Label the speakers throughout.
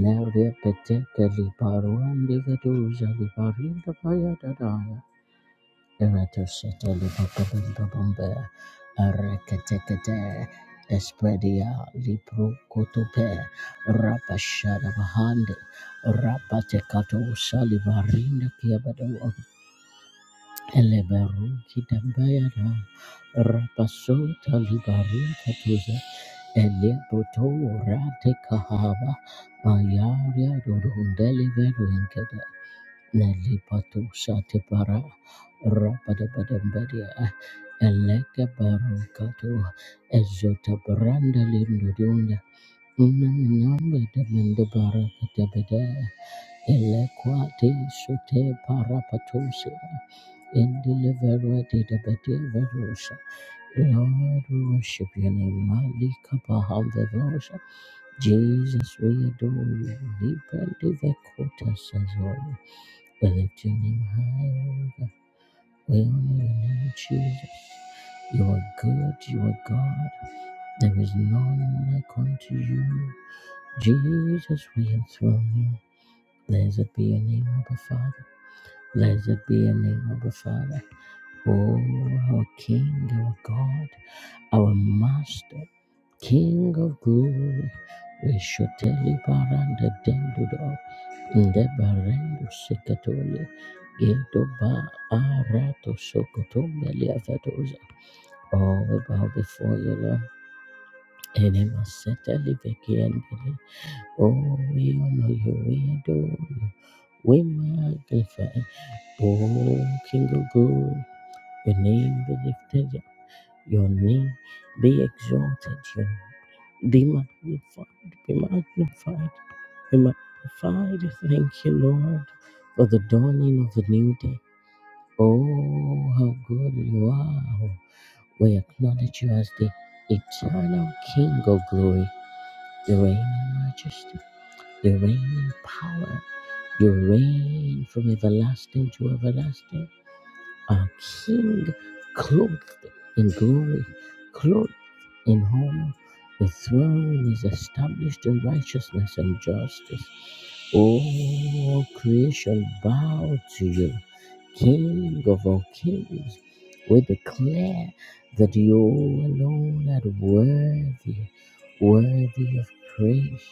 Speaker 1: Laurea Petete Liparuandi the Doja Liparinda Paya dadaya Eratoseta Lipababimba Bombe, Arakatekate, espedia Rabasota libarin katuza Eleboto rate kahava bayaria rundeli veruenkede nelipato shate para rabadabadambadia eleke barukato ezota branda lindudunda Unamnambe de Mendebara Katabede, Elequate Sote Parapatosa, Indeliverate de Bede Verosa. Lord, we worship your name, Malika Baham the Rosa, Jesus, we adore you. Libra Kota says, Lord, we lift your name high, over. We honor your name, Jesus. You are good, you are God. There is none like unto you. Jesus, we enthrone you. Blessed be your name, Abba Father. Blessed be your name, Abba Father. Oh, our King, our God, our Master, King of glory, we should tell you, Baranda Dendudo. Ndebarendo Sikatole Gedoba Arato Sokotombe Liafatoza. Oh, we bow before you, Lord. Enema Setali Vekiandere. Oh, we honor you, we adore you, we magnify. Oh, King of Glory, your name be lifted up, your name be exalted, your be magnified, be magnified, be magnified. Thank you, Lord, for the dawning of a new day. Oh, how good you are. We acknowledge you as the eternal King of glory. You reign in majesty, you reign in power, you reign from everlasting to everlasting a king clothed in glory, clothed in honor. The throne is established in righteousness and justice. All creation bow to you, King of all kings. We declare that you alone are worthy, worthy of praise,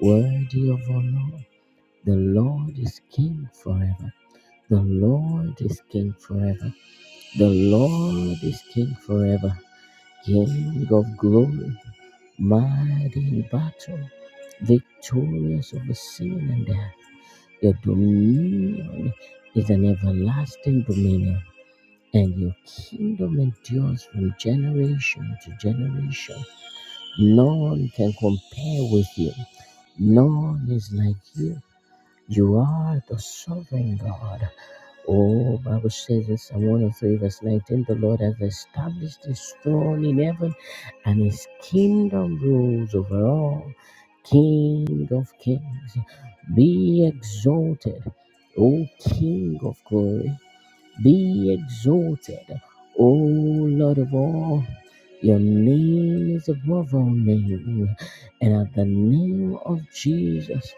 Speaker 1: worthy of honor. The Lord is King forever. The Lord is King forever. The Lord is King forever, King of glory, mighty in battle, victorious over sin and death. Your dominion is an everlasting dominion, and your kingdom endures from generation to generation. None can compare with you, none is like you. You are the sovereign God. Oh, Bible says in Psalm 103, verse 19, the Lord has established his throne in heaven, and his kingdom rules over all. King of kings, be exalted, O King of glory. Be exalted, O Lord of all. Your name is above all names, and at the name of Jesus,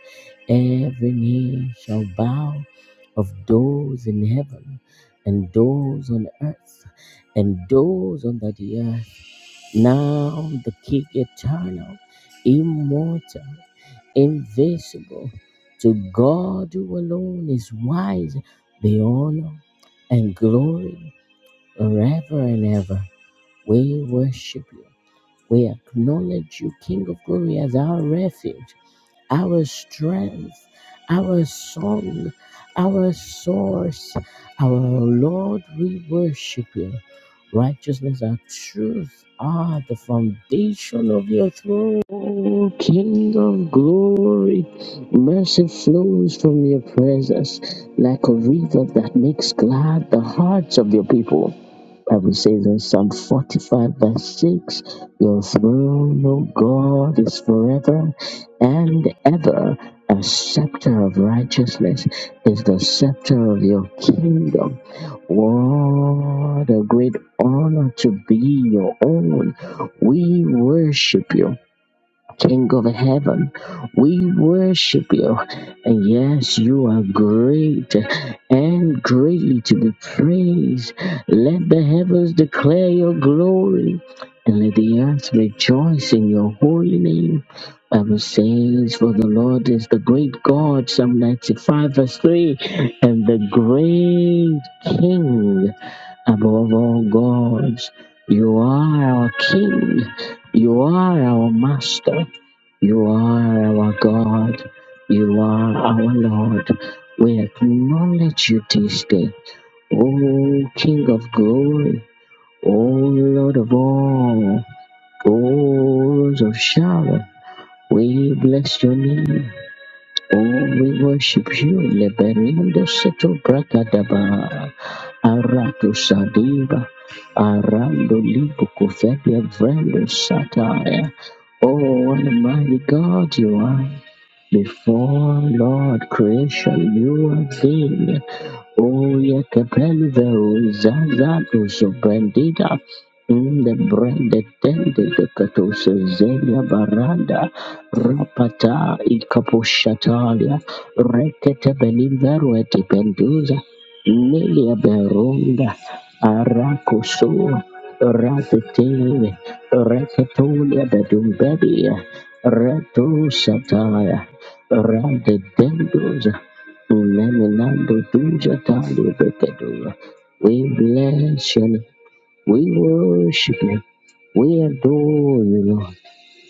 Speaker 1: every knee shall bow of those in heaven and those on earth and those under the earth. Now the King eternal, immortal, invisible to God who alone is wise, be honor and glory forever and ever. We worship you. We acknowledge you, King of Glory, as our refuge our strength, our song, our source, our Lord, we worship you. Righteousness and truth are the foundation of your throne. O King of glory, mercy flows from your presence like a river that makes glad the hearts of your people. Bible says in Psalm 45, verse 6, Your throne, O God, is forever and ever. A scepter of righteousness is the scepter of your kingdom. What a great honor to be your own. We worship you. King of heaven, we worship you. And yes, you are great and greatly to be praised. Let the heavens declare your glory and let the earth rejoice in your holy name. Bible says, For the Lord is the great God, Psalm 95, verse 3, and the great King above all gods. You are our King. You are our Master. You are our God. You are our Lord. We acknowledge you this day. O King of glory, O Lord of all, O Rose of Sharon, we bless your name. Oh, we worship you, Leberindo Seto Bracadaba, Arato Sadiba, Arando Lipo Covetia Vrendo Satire. Oh, what a mighty God you are. Before Lord creation, you are seen. Oye kepelve uzazato suprendida inde brende tende de katose zelia baranda rapata ikaposhatalia rekete belimveru eti penduza nilia berunda arakoso ratetele reketolia bedumbedia reto sataya Rande Dendoza, Uleminando Duja Tali Bekadova. We bless you, Lord. we worship you, we adore you, Lord,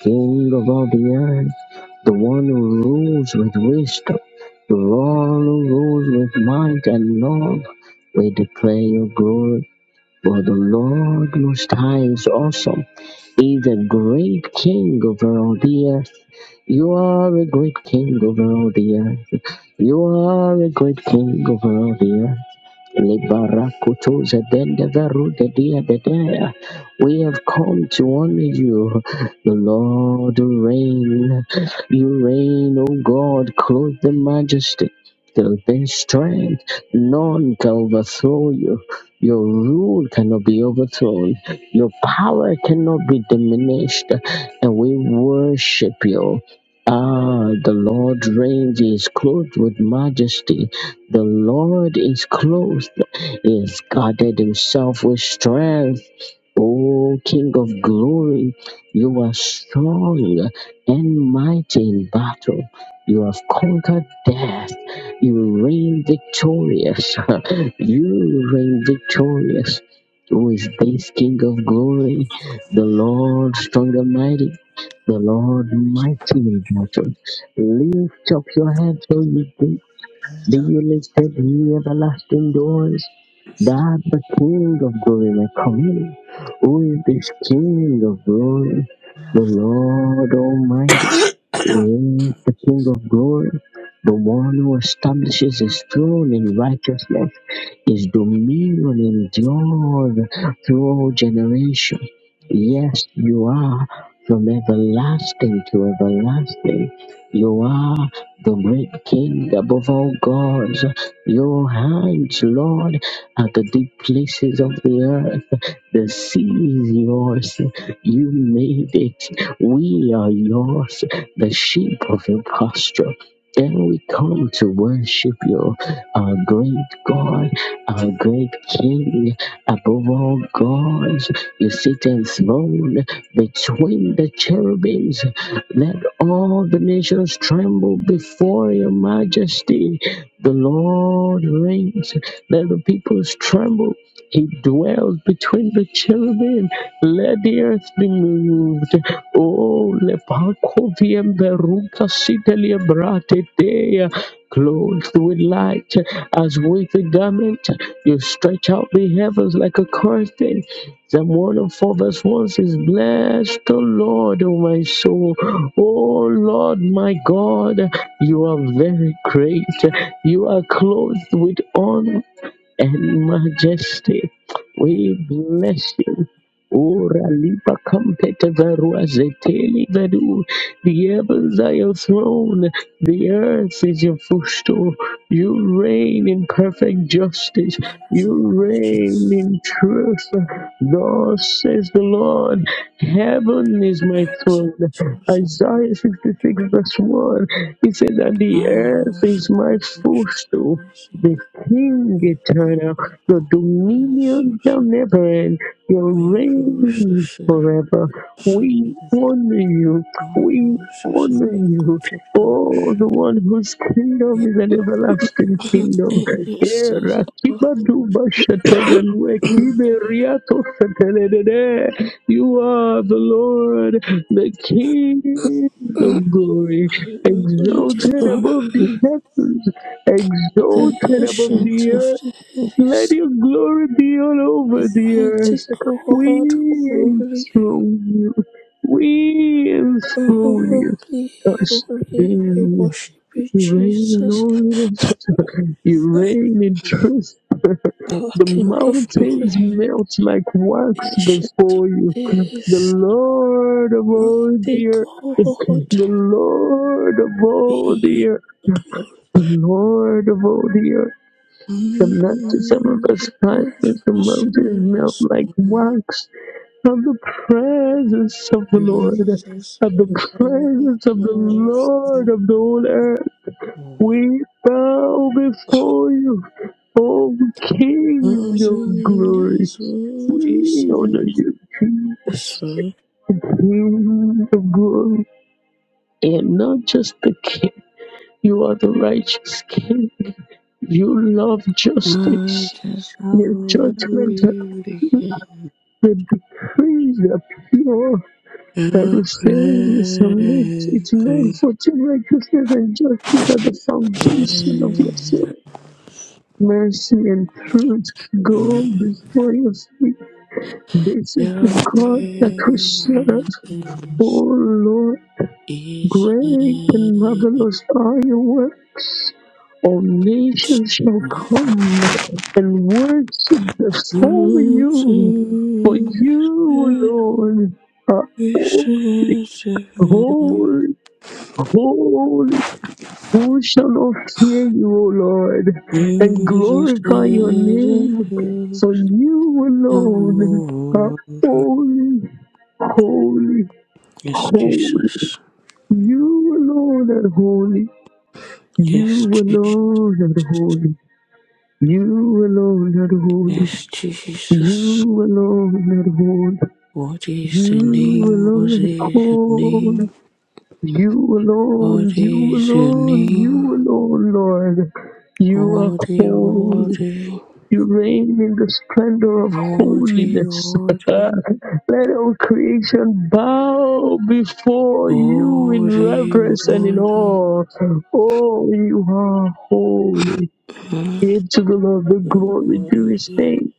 Speaker 1: King of all the earth, the one who rules with wisdom, the one who rules with might and love. We declare your glory. For the Lord Most High is awesome. He is a great king over all the earth. You are a great king over all the earth. You are a great king over all the earth. Libarakutuza dendeverude diabedea. We have come to honor you, the Lord who reign. You reign, O God, clothed in majesty, clothed in strength. None can overthrow you. Your rule cannot be overthrown. Your power cannot be diminished. And we worship you. Ah, the Lord reigns. He is clothed with majesty. The Lord is clothed. He has guarded himself with strength. O King of glory, you are strong and mighty in battle. You have conquered death. You reign victorious. You reign victorious, who is this King of glory, the Lord strong and mighty, the Lord mighty in battle. Lift up your head, O you gates be
Speaker 2: The
Speaker 1: you lifted the everlasting doors. That the King of glory may come in. Who is this King of glory? The Lord Almighty is the King of glory. The one who establishes his throne in righteousness. His dominion endures through all generations. Yes, you are from everlasting to everlasting. You are the great King above all gods. Your hands, Lord, at the deep places of the earth. The sea is yours. You made it. We are yours, the sheep of your pasture. Then we come to worship you, our great God, our great King, above all gods. You sit enthroned between the cherubims. Let all the nations tremble before your majesty. The Lord reigns. Let the peoples tremble he dwells between the cherubim. Let the earth be moved. Oh, lepakovium beruka sitalia brate dea. Clothed with light as with a garment, you stretch out the heavens like a curtain. Psalm 104 verse 1 says, Bless the Lord, O my soul. O Lord, my God, you are very great. You are clothed with honor and majesty. We bless you.
Speaker 2: ancient
Speaker 1: Ora lipa compete verua zeteli vedu. The heavens are your throne. The earth is your footstool. You reign in perfect justice. You reign in truth. Thus says the Lord, heaven is my throne. Isaiah 66 verse 1. He said that the earth is my footstool the King eternal, your dominion never end; your reign is forever. We honor you, we honor you. Oh, the one whose kingdom is an everlasting kingdom. Era kibaduba shatabanwe kiberiato fetelelele. You are the Lord, the King of glory, exalted above the heavens exalted above the
Speaker 2: of
Speaker 1: earth. Let
Speaker 2: days,
Speaker 1: your glory be all over
Speaker 2: the
Speaker 1: the
Speaker 2: mighty
Speaker 1: earth. We
Speaker 2: God, holy
Speaker 1: enthrone you. We
Speaker 2: Holy,
Speaker 1: enthrone you.
Speaker 2: holy,
Speaker 1: Us
Speaker 2: we
Speaker 1: King.
Speaker 2: worship you,
Speaker 1: You reign in
Speaker 2: Jesus,
Speaker 1: holiness. You reign in truth.
Speaker 2: the
Speaker 1: The
Speaker 2: King of glory,
Speaker 1: mountains melt like wax
Speaker 2: ancient of
Speaker 1: before you. The
Speaker 2: days,
Speaker 1: Lord of all
Speaker 2: mighty
Speaker 1: the earth.
Speaker 2: God,
Speaker 1: The Lord of all the
Speaker 2: be
Speaker 1: earth.
Speaker 2: glory.
Speaker 1: The Lord of all the earth. Some, not, some of us cry as the
Speaker 2: Jesus,
Speaker 1: mountains melt
Speaker 2: Jesus,
Speaker 1: like wax of the presence of the Lord,
Speaker 2: Jesus,
Speaker 1: of the presence of the Lord
Speaker 2: Jesus.
Speaker 1: of the whole earth. We bow before you, O King
Speaker 2: Nothing
Speaker 1: of
Speaker 2: in
Speaker 1: glory.
Speaker 2: this world is
Speaker 1: We honor you, Jesus,
Speaker 2: satisfied,
Speaker 1: King of glory, and not just the King. You are the righteous King. You love
Speaker 2: my
Speaker 1: justice.
Speaker 2: just how
Speaker 1: Your
Speaker 2: and
Speaker 1: judgment.
Speaker 2: beauty.
Speaker 1: The decrees are pure. that restrains The
Speaker 2: Your
Speaker 1: restraint is
Speaker 2: praise,
Speaker 1: It's made for true righteousness and justice are the foundation of your soul. Mercy and truth go before your feet. This is
Speaker 2: your
Speaker 1: the God that we serve.
Speaker 2: praise
Speaker 1: Oh Lord.
Speaker 2: is
Speaker 1: Great and marvelous are your works. All nations shall come and worship before you, for
Speaker 2: losing
Speaker 1: you,
Speaker 2: every
Speaker 1: alone are holy,
Speaker 2: sense of you.
Speaker 1: holy, holy. Who shall not fear you, O Lord, and
Speaker 2: Jesus
Speaker 1: glorify your
Speaker 2: is a
Speaker 1: name? For
Speaker 2: huge
Speaker 1: you alone are
Speaker 2: wonder.
Speaker 1: holy, holy,
Speaker 2: Yes,
Speaker 1: holy.
Speaker 2: Jesus.
Speaker 1: You alone are holy. You
Speaker 2: Yes, Jesus.
Speaker 1: alone are holy. You alone are holy.
Speaker 2: Yes, Jesus.
Speaker 1: You alone are holy.
Speaker 2: What is the
Speaker 1: You
Speaker 2: name? What
Speaker 1: alone are
Speaker 2: is the name?
Speaker 1: holy. You alone,
Speaker 2: What
Speaker 1: you
Speaker 2: is your
Speaker 1: alone,
Speaker 2: name?
Speaker 1: you alone, Lord. You are
Speaker 2: Woody,
Speaker 1: holy.
Speaker 2: Woody,
Speaker 1: You reign in the splendor of
Speaker 2: Woody,
Speaker 1: holiness.
Speaker 2: Woody,
Speaker 1: Let our creation bow
Speaker 2: Woody,
Speaker 1: before you in reverence and in
Speaker 2: Woody,
Speaker 1: awe. Oh, you are holy.
Speaker 2: Woody,
Speaker 1: Give to the Lord the glory due his name.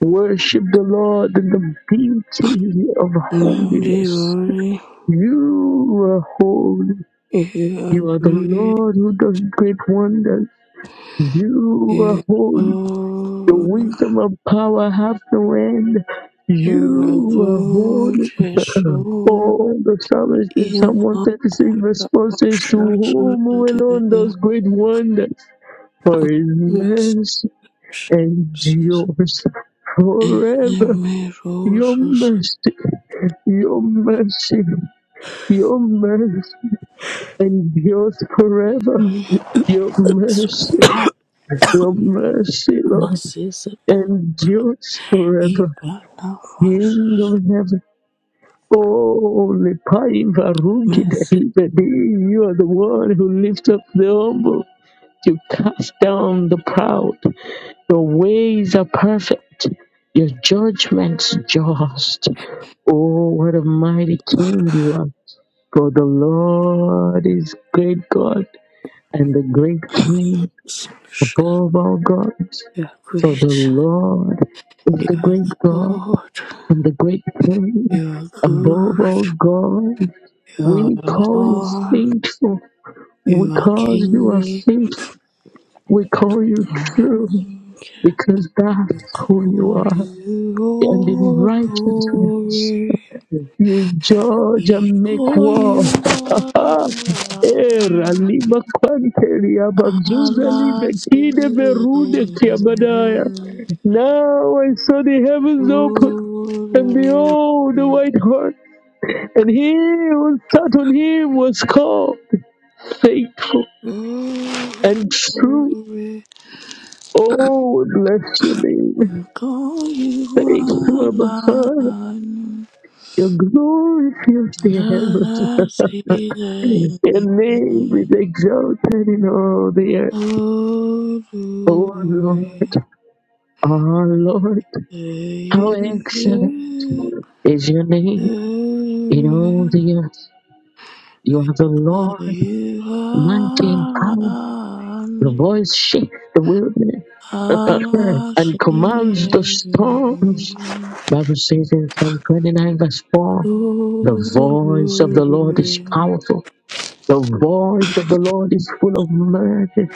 Speaker 1: Worship the Lord in the beauty of
Speaker 2: Woody,
Speaker 1: holiness.
Speaker 2: Woody.
Speaker 1: You are holy.
Speaker 2: You are
Speaker 1: You are the
Speaker 2: great,
Speaker 1: Lord who does great wonders. You are
Speaker 2: you
Speaker 1: holy. The
Speaker 2: are good,
Speaker 1: wisdom and power have no end.
Speaker 2: you are
Speaker 1: You are
Speaker 2: good,
Speaker 1: holy.
Speaker 2: Jesus.
Speaker 1: All the psalmist in
Speaker 2: You
Speaker 1: Psalm
Speaker 2: are
Speaker 1: 136
Speaker 2: good, you
Speaker 1: verse
Speaker 2: are
Speaker 1: 4 says, To whom alone does great wonders? For his mercy
Speaker 2: precious.
Speaker 1: endures
Speaker 2: And you
Speaker 1: forever.
Speaker 2: may
Speaker 1: Your mercy, your mercy, your mercy endures forever.
Speaker 2: also
Speaker 1: Your mercy, your mercy, Lord, endures forever.
Speaker 2: Ibana was
Speaker 1: King of heaven, holy Paiva Rugi,
Speaker 2: message.
Speaker 1: you are the one who lifts up the humble. You cast down the proud. Your ways are perfect. Your judgments just. Oh, what a mighty king you are. For the Lord is great God and the great king above all gods.
Speaker 2: You are
Speaker 1: For the
Speaker 2: great.
Speaker 1: Lord is
Speaker 2: You
Speaker 1: the
Speaker 2: are
Speaker 1: great God
Speaker 2: God.
Speaker 1: and the great king
Speaker 2: You are
Speaker 1: above
Speaker 2: good.
Speaker 1: all gods.
Speaker 2: You are
Speaker 1: We call you
Speaker 2: Lord.
Speaker 1: faithful
Speaker 2: You are
Speaker 1: because you are
Speaker 2: King.
Speaker 1: faithful. We call you true because that's who you
Speaker 2: For
Speaker 1: are.
Speaker 2: you
Speaker 1: and in
Speaker 2: all
Speaker 1: righteousness
Speaker 2: glory.
Speaker 1: you judge and make
Speaker 2: Before you
Speaker 1: war.
Speaker 2: are
Speaker 1: Ah,
Speaker 2: alive.
Speaker 1: era liba kwanteria bazuza libe
Speaker 2: Allah
Speaker 1: kide berude kiabadaya.
Speaker 2: Tileni.
Speaker 1: Now I saw the heavens open, and
Speaker 2: Glory.
Speaker 1: behold the white horse, and he who sat on him was called faithful and true.
Speaker 2: Glory.
Speaker 1: Oh, bless your name.
Speaker 2: Call you
Speaker 1: Thank you, Abba Father.
Speaker 2: alone,
Speaker 1: Your glory fills the
Speaker 2: nada
Speaker 1: heavens.
Speaker 2: sigue
Speaker 1: Your
Speaker 2: mí.
Speaker 1: name is exalted in all the earth.
Speaker 2: Oh, do
Speaker 1: O Lord, our Lord, how
Speaker 2: you
Speaker 1: excellent
Speaker 2: hear?
Speaker 1: is your name in all
Speaker 2: do
Speaker 1: the earth. You are the
Speaker 2: for
Speaker 1: Lord,
Speaker 2: you
Speaker 1: mighty in power. Your
Speaker 2: alone,
Speaker 1: voice shakes the wilderness
Speaker 2: nada
Speaker 1: and commands the
Speaker 2: sigue mí.
Speaker 1: storms. Bible says in Psalm 29 verse 4, the
Speaker 2: Oh, do
Speaker 1: voice of the Lord is powerful. The voice of the Lord is full of mercy.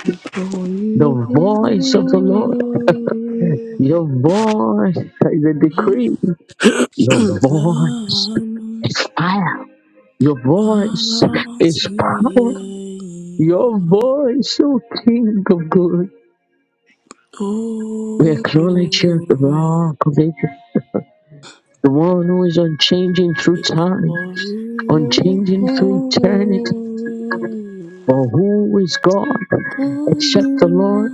Speaker 1: The
Speaker 2: call
Speaker 1: voice of
Speaker 2: you
Speaker 1: the Lord
Speaker 2: alone.
Speaker 1: Your voice is a decree. Your voice
Speaker 2: Hallelujah,
Speaker 1: is fire. Your voice is power. Your
Speaker 2: Hallelujah,
Speaker 1: voice, O King of Good. We acknowledge you, the
Speaker 2: Hallelujah,
Speaker 1: rock of ages, the one who is unchanging through
Speaker 2: Hallelujah.
Speaker 1: time, unchanging through eternity. For who is God except the Lord?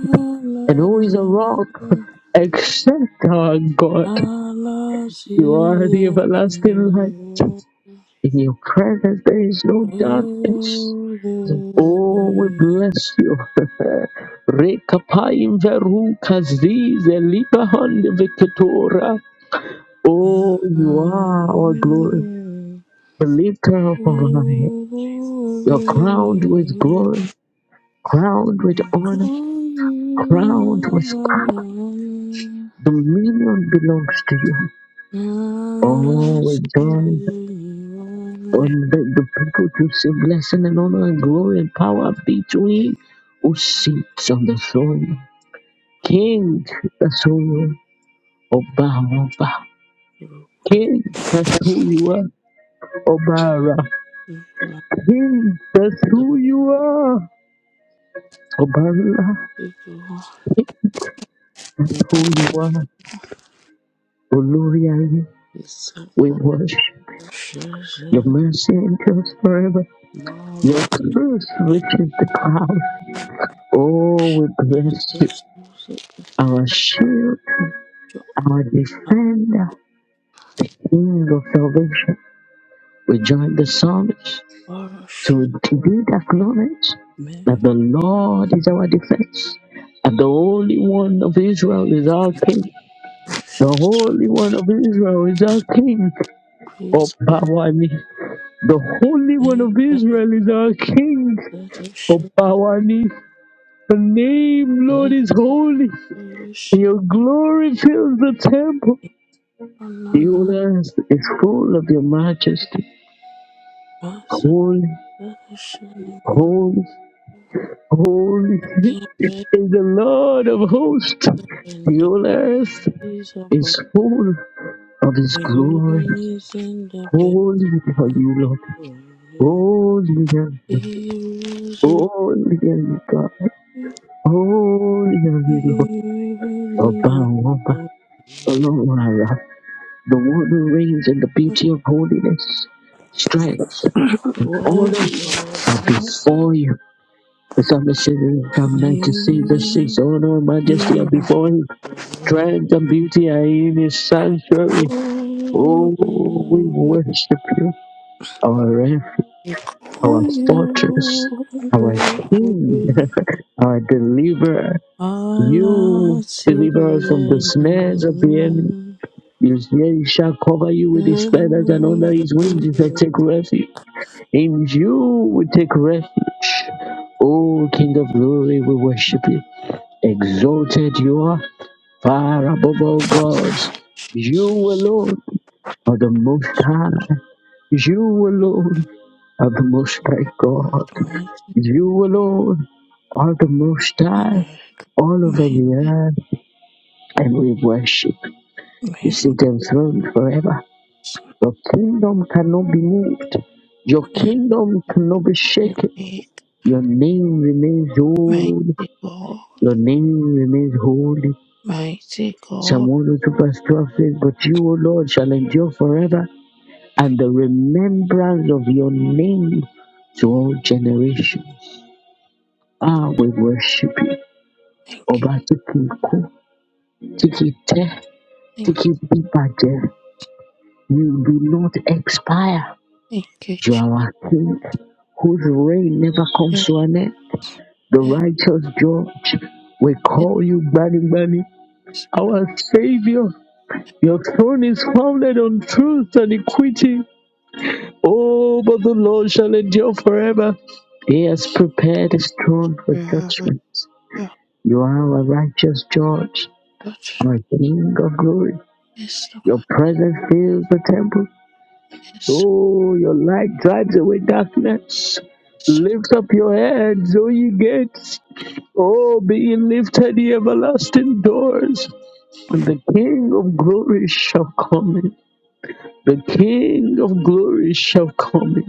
Speaker 1: And who is a rock except our God?
Speaker 2: Hallelujah,
Speaker 1: You are the everlasting light.
Speaker 2: Hallelujah,
Speaker 1: In your presence, there is no darkness. Oh, we bless you. Rekapayim veru kazize libahon vikatora. Oh, you are our glory,
Speaker 2: Hallelujah.
Speaker 1: the lifter of our life.
Speaker 2: the
Speaker 1: You're crowned with glory, crowned with
Speaker 2: the
Speaker 1: honor,
Speaker 2: call you
Speaker 1: crowned with power.
Speaker 2: you
Speaker 1: Dominion belongs to you.
Speaker 2: I
Speaker 1: Oh,
Speaker 2: I
Speaker 1: we
Speaker 2: see
Speaker 1: join
Speaker 2: you
Speaker 1: Well,
Speaker 2: are
Speaker 1: let the people to say blessing and honor and glory and power be to him who sits on the throne. King, that's who you are. Oba, Oba. King, that's who you are. Obara. King, that's
Speaker 2: the
Speaker 1: who you are. Obara.
Speaker 2: people.
Speaker 1: King, that's who you are. Oluria,
Speaker 2: It's
Speaker 1: we
Speaker 2: so
Speaker 1: worship
Speaker 2: precious
Speaker 1: your
Speaker 2: and
Speaker 1: mercy endures forever. Your
Speaker 2: marvelous.
Speaker 1: truth
Speaker 2: It's
Speaker 1: reaches the cloud. Oh, we bless you,
Speaker 2: so precious.
Speaker 1: our shield our defender, King of salvation. We join the psalmist to
Speaker 2: Precious.
Speaker 1: indeed acknowledge
Speaker 2: May
Speaker 1: that the Lord is our defense, and the Holy One of Israel is our King. The Holy One of Israel is our King. Oh,
Speaker 2: grace go
Speaker 1: Pawani. The Holy One
Speaker 2: in
Speaker 1: of Israel is our King. Oh, Pawani. The name, Lord, is holy. Your glory fills the temple.
Speaker 2: Glory,
Speaker 1: The whole
Speaker 2: glory,
Speaker 1: earth is full of your majesty.
Speaker 2: Merry
Speaker 1: Holy,
Speaker 2: Christmas,
Speaker 1: holy, holy
Speaker 2: Red
Speaker 1: is the Lord of hosts.
Speaker 2: water
Speaker 1: The
Speaker 2: and the
Speaker 1: whole earth
Speaker 2: peace of
Speaker 1: is full of his
Speaker 2: the
Speaker 1: glory.
Speaker 2: room is in the bedroom.
Speaker 1: Holy are you, Lord. Holy are you.
Speaker 2: He was
Speaker 1: Holy are you, God. Holy are
Speaker 2: a
Speaker 1: you, Lord. Ọba
Speaker 2: hero.
Speaker 1: àwọn ọba, Ọlọ́run àrà, the one who reigns in the beauty of holiness, strength
Speaker 2: What
Speaker 1: and
Speaker 2: was
Speaker 1: honor are before you. Submission from night to see the six
Speaker 2: happening?
Speaker 1: honor and majesty are before him. Triumph and beauty are in his sanctuary. Oh, we worship you, our refuge, our fortress, our king, our deliverer. You
Speaker 2: Allah see
Speaker 1: deliver us from the snares of the enemy. You say he shall cover you with his feathers, and under his wings you shall
Speaker 2: the
Speaker 1: take refuge. In you we take refuge. Oh, King of glory, we worship you. Exalted you are far above all gods. You alone are the most high. You alone are the most high God. You alone are the most high all over
Speaker 2: mighty
Speaker 1: the earth. And we worship. You
Speaker 2: miracles,
Speaker 1: sit enthroned forever. Your kingdom cannot be moved. Your
Speaker 2: you
Speaker 1: kingdom cannot be shaken.
Speaker 2: make
Speaker 1: Your name remains old.
Speaker 2: mighty God,
Speaker 1: Your name remains holy.
Speaker 2: mighty
Speaker 1: Psalm
Speaker 2: God,
Speaker 1: who verse 12 says, But you, O Lord, shall endure forever, and the remembrance of your name to all generations. Ah, we worship you.
Speaker 2: thank you,
Speaker 1: Ọba tí kì í tẹ́,
Speaker 2: thank
Speaker 1: tí kì You do not expire.
Speaker 2: you, thank you,
Speaker 1: You
Speaker 2: Jesus.
Speaker 1: are our King, whose reign never comes to an end. The righteous judge, we call you Bani Bani, our Savior. Your throne is founded on truth and equity. Oh, but the Lord shall endure forever. He has prepared his throne for
Speaker 2: Forever
Speaker 1: judgment.
Speaker 2: your
Speaker 1: You are a righteous judge,
Speaker 2: God
Speaker 1: our King of glory.
Speaker 2: is the
Speaker 1: Your presence fills the temple.
Speaker 2: is
Speaker 1: Oh, your light drives away darkness.
Speaker 2: is
Speaker 1: Lift up your heads, O ye gates. Oh, be ye lifted, ye everlasting doors. And the King of glory shall come in. The King of glory shall come in.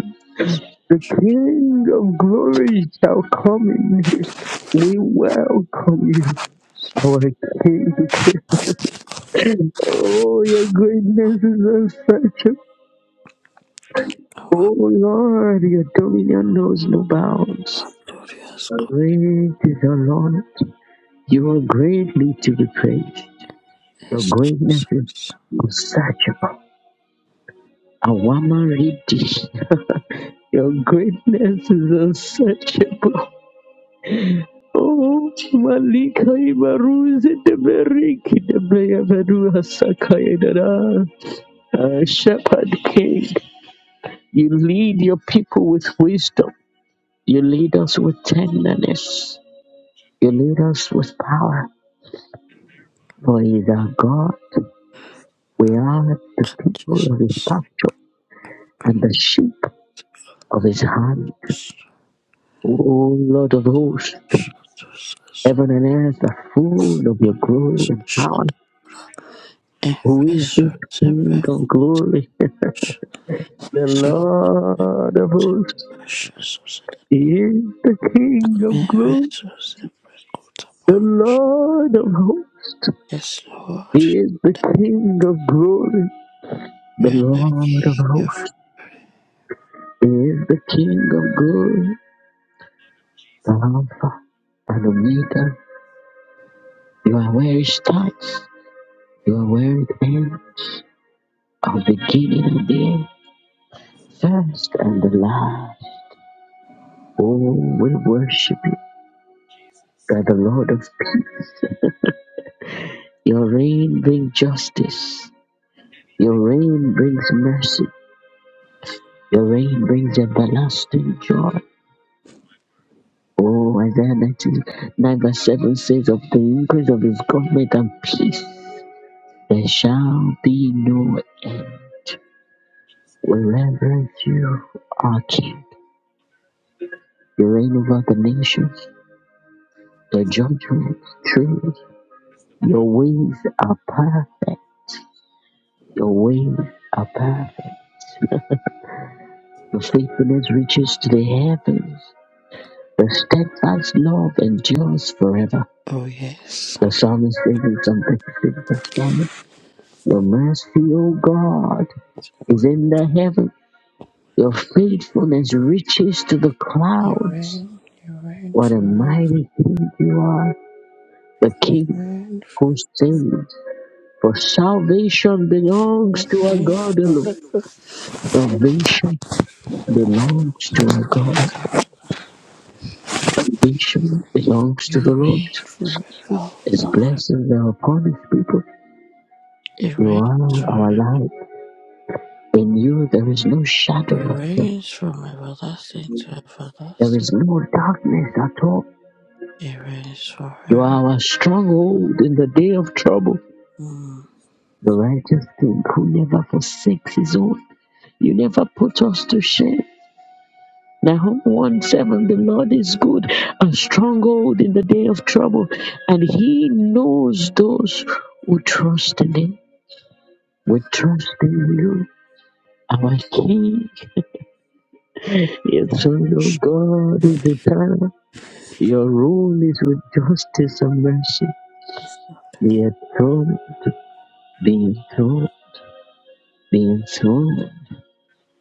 Speaker 1: The King of glory shall come in. We welcome you, our King. Oh, your greatness is unsearchable.
Speaker 2: our
Speaker 1: Oh Lord, your dominion knows no bounds.
Speaker 2: our glorious God
Speaker 1: Great is your Lord. You are greatly to be praised. Your
Speaker 2: is
Speaker 1: greatness
Speaker 2: Jesus.
Speaker 1: is unsearchable. Awama Ridi. Your greatness is unsearchable. Oh, Chimalika Ibaruze de Beriki de Beyaveru Hasakaidara. Uh, Shepherd King, you lead your people with wisdom. You lead us with tenderness. You lead us with power. For he is our God. We are the people of his pasture and the sheep of his hand. O Lord of hosts, heaven and earth are full of your glory and power. Who is
Speaker 2: Jesus,
Speaker 1: this
Speaker 2: is
Speaker 1: King
Speaker 2: every
Speaker 1: of glory?
Speaker 2: source,
Speaker 1: The
Speaker 2: every source,
Speaker 1: Lord of hosts
Speaker 2: precious, every
Speaker 1: is the King of glory.
Speaker 2: source, every good.
Speaker 1: The Lord of hosts
Speaker 2: Yes, Lord.
Speaker 1: is the King of glory. The
Speaker 2: You're the
Speaker 1: Lord of
Speaker 2: king of.
Speaker 1: hosts is the King of glory. The Alpha and Omega. You are where it starts. You are where it ends. Our beginning and the end. First and the last. Oh, we worship you. You are the Lord of peace. Your reign brings justice. Your reign brings mercy. Your reign brings everlasting joy. Oh, Isaiah 99 verse 7 says, Of the increase of his government and peace, there shall be no end. We reverence you, our King. You reign over the nations. Your judgments, truth. Your ways are perfect. Your ways are perfect. Your faithfulness reaches to the heavens. Your steadfast love endures forever.
Speaker 2: Oh, yes.
Speaker 1: The psalmist says in Psalm 36, verse one, Your mercy, O God, is in the heaven. Your faithfulness reaches to the
Speaker 2: You
Speaker 1: clouds.
Speaker 2: reign, you reign
Speaker 1: What a
Speaker 2: forever.
Speaker 1: mighty King you are, the
Speaker 2: You
Speaker 1: King
Speaker 2: reign,
Speaker 1: who saves. For salvation belongs
Speaker 2: you
Speaker 1: to our
Speaker 2: reign
Speaker 1: God alone.
Speaker 2: forever.
Speaker 1: Salvation belongs to our God. Salvation belongs to the
Speaker 2: You
Speaker 1: Lord.
Speaker 2: reign forever, oh
Speaker 1: His
Speaker 2: Lord.
Speaker 1: blessings are upon His people.
Speaker 2: You
Speaker 1: You
Speaker 2: reign
Speaker 1: are our
Speaker 2: forever.
Speaker 1: light. In you there is no shadow
Speaker 2: You
Speaker 1: of them.
Speaker 2: reign from everlasting to
Speaker 1: There
Speaker 2: everlasting.
Speaker 1: is no darkness at all.
Speaker 2: You reign
Speaker 1: You
Speaker 2: forever.
Speaker 1: are our stronghold in the day of trouble.
Speaker 2: Mm.
Speaker 1: The righteous king who never forsakes his own. You never put us to shame. Nahum 1 7 The Lord is good, a stronghold in the day of trouble, and he knows those who trust in him. We trust in you, our King. Your Son, your God, is eternal. Your rule is with justice and mercy. Be enthroned, be enthroned, be enthroned.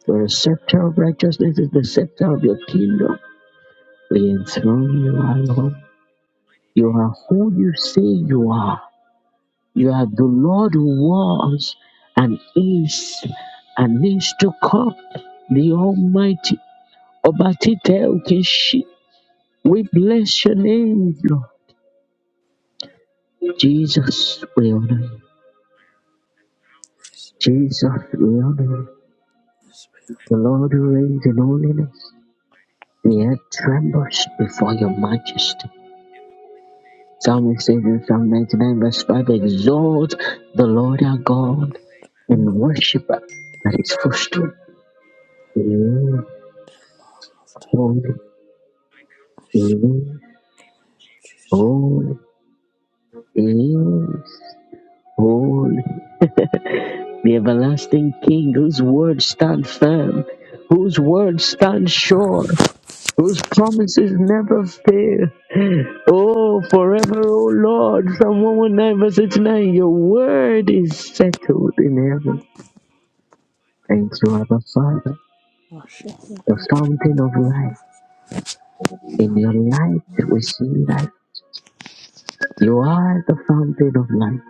Speaker 1: For the scepter of righteousness is the scepter of your kingdom. We enthrone you, our Lord. You are who you say you are. You are the Lord who was and is and is to come. The Almighty. Ọba títẹ̀ ò ṣí. We bless your name, Lord. Jesus, we honor you.
Speaker 2: Jesus,
Speaker 1: Jesus, we honor you.
Speaker 2: we love
Speaker 1: The Lord who reigns in holiness. The earth trembles before your majesty. Psalm 86 and Psalm 99, verse 5 Exalt the Lord our God and worship at his footstool. He is
Speaker 2: that.
Speaker 1: holy, he is
Speaker 2: Jesus,
Speaker 1: holy, he is holy. The everlasting King whose words stand firm, whose words stand sure, whose promises never fail. Oh, forever, oh Lord. Psalm 119, verse 89 Your word is settled in heaven. Thank you, Abba Father.
Speaker 2: worship you.
Speaker 1: the fountain of life. In your light, we see light. You are the fountain of life.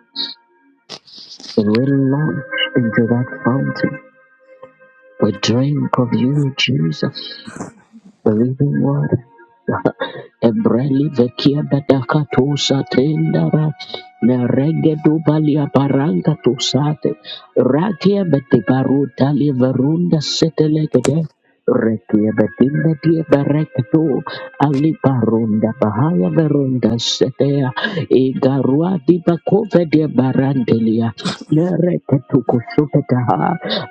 Speaker 1: And we launch into that fountain. We drink of you, Jesus. the living word. Ebreli vekia bedaka to satendara merege do balia baranga to sate rakia bete baruta li verunda setelegede rekia betinda dia berekto ali barunda bahaya verunda setea e garua di bakove dia barandelia mereke tu kusupeta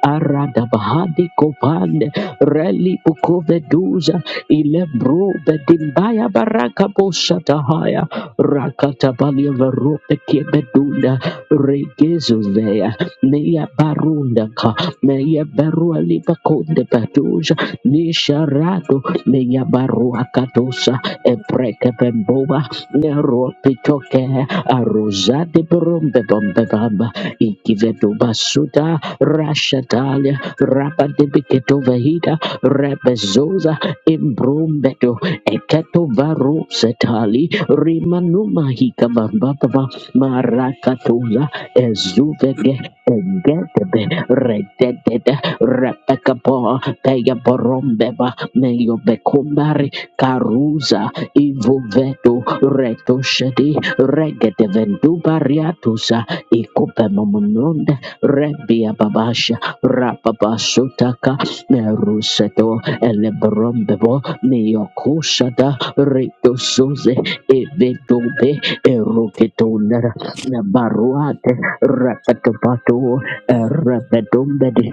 Speaker 1: arada bahadi kopande reli bukove duza Ilebro bedimbaya baraka boshata haya. Rakata balia verope kebedunda. Regezo veya. Neya barunda ka. Neya barua lipa konde patuja. Nisha rado. Neya barua katosa. Epreke pemboba. Nero pitoke. Arozade brombe bombe bamba. Ikivedo basuda. Rashatalia. Rapa debiketo vehida. Rebezoza Imbrombetto eketo varo setali rimanuma hikabambaba marakatuza ezuvege egetebe rededede repekabo peyaborombeba meyobekumbari karuza ivuveto retoshedi regedevendubariatusa ikupemomononde rebiababasha rapabasutaka Meruseto Elebrombebo Neokushada Ritosuze Evedobe Eroketonara Nabaruate Rapatapato
Speaker 2: Yeah,
Speaker 1: Rapedombedi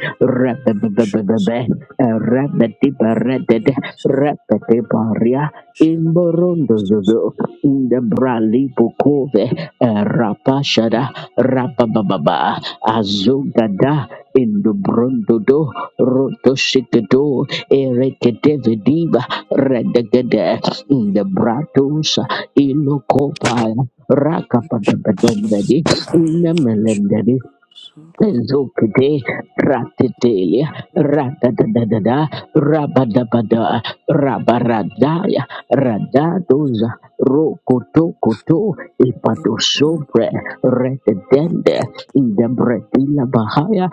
Speaker 2: worship
Speaker 1: Rapebebebebe
Speaker 2: you.
Speaker 1: Rapetipareted
Speaker 2: Thank
Speaker 1: Rapetiparia in Borondo in the Brali Pukove Rapashada Rapababa Azugada Indubrondodo, Rotosikedo, Erekedevediva, Redegede, Indebratus, Ilokopa, Raka Padabadom Daddy nemelendadi.
Speaker 2: So
Speaker 1: Zokete ratetelia radadadada rabadabada rabaradaya
Speaker 2: good.
Speaker 1: radadoza rokotokoto
Speaker 2: Thank you.
Speaker 1: ipadosobre rededende indebretila bahaya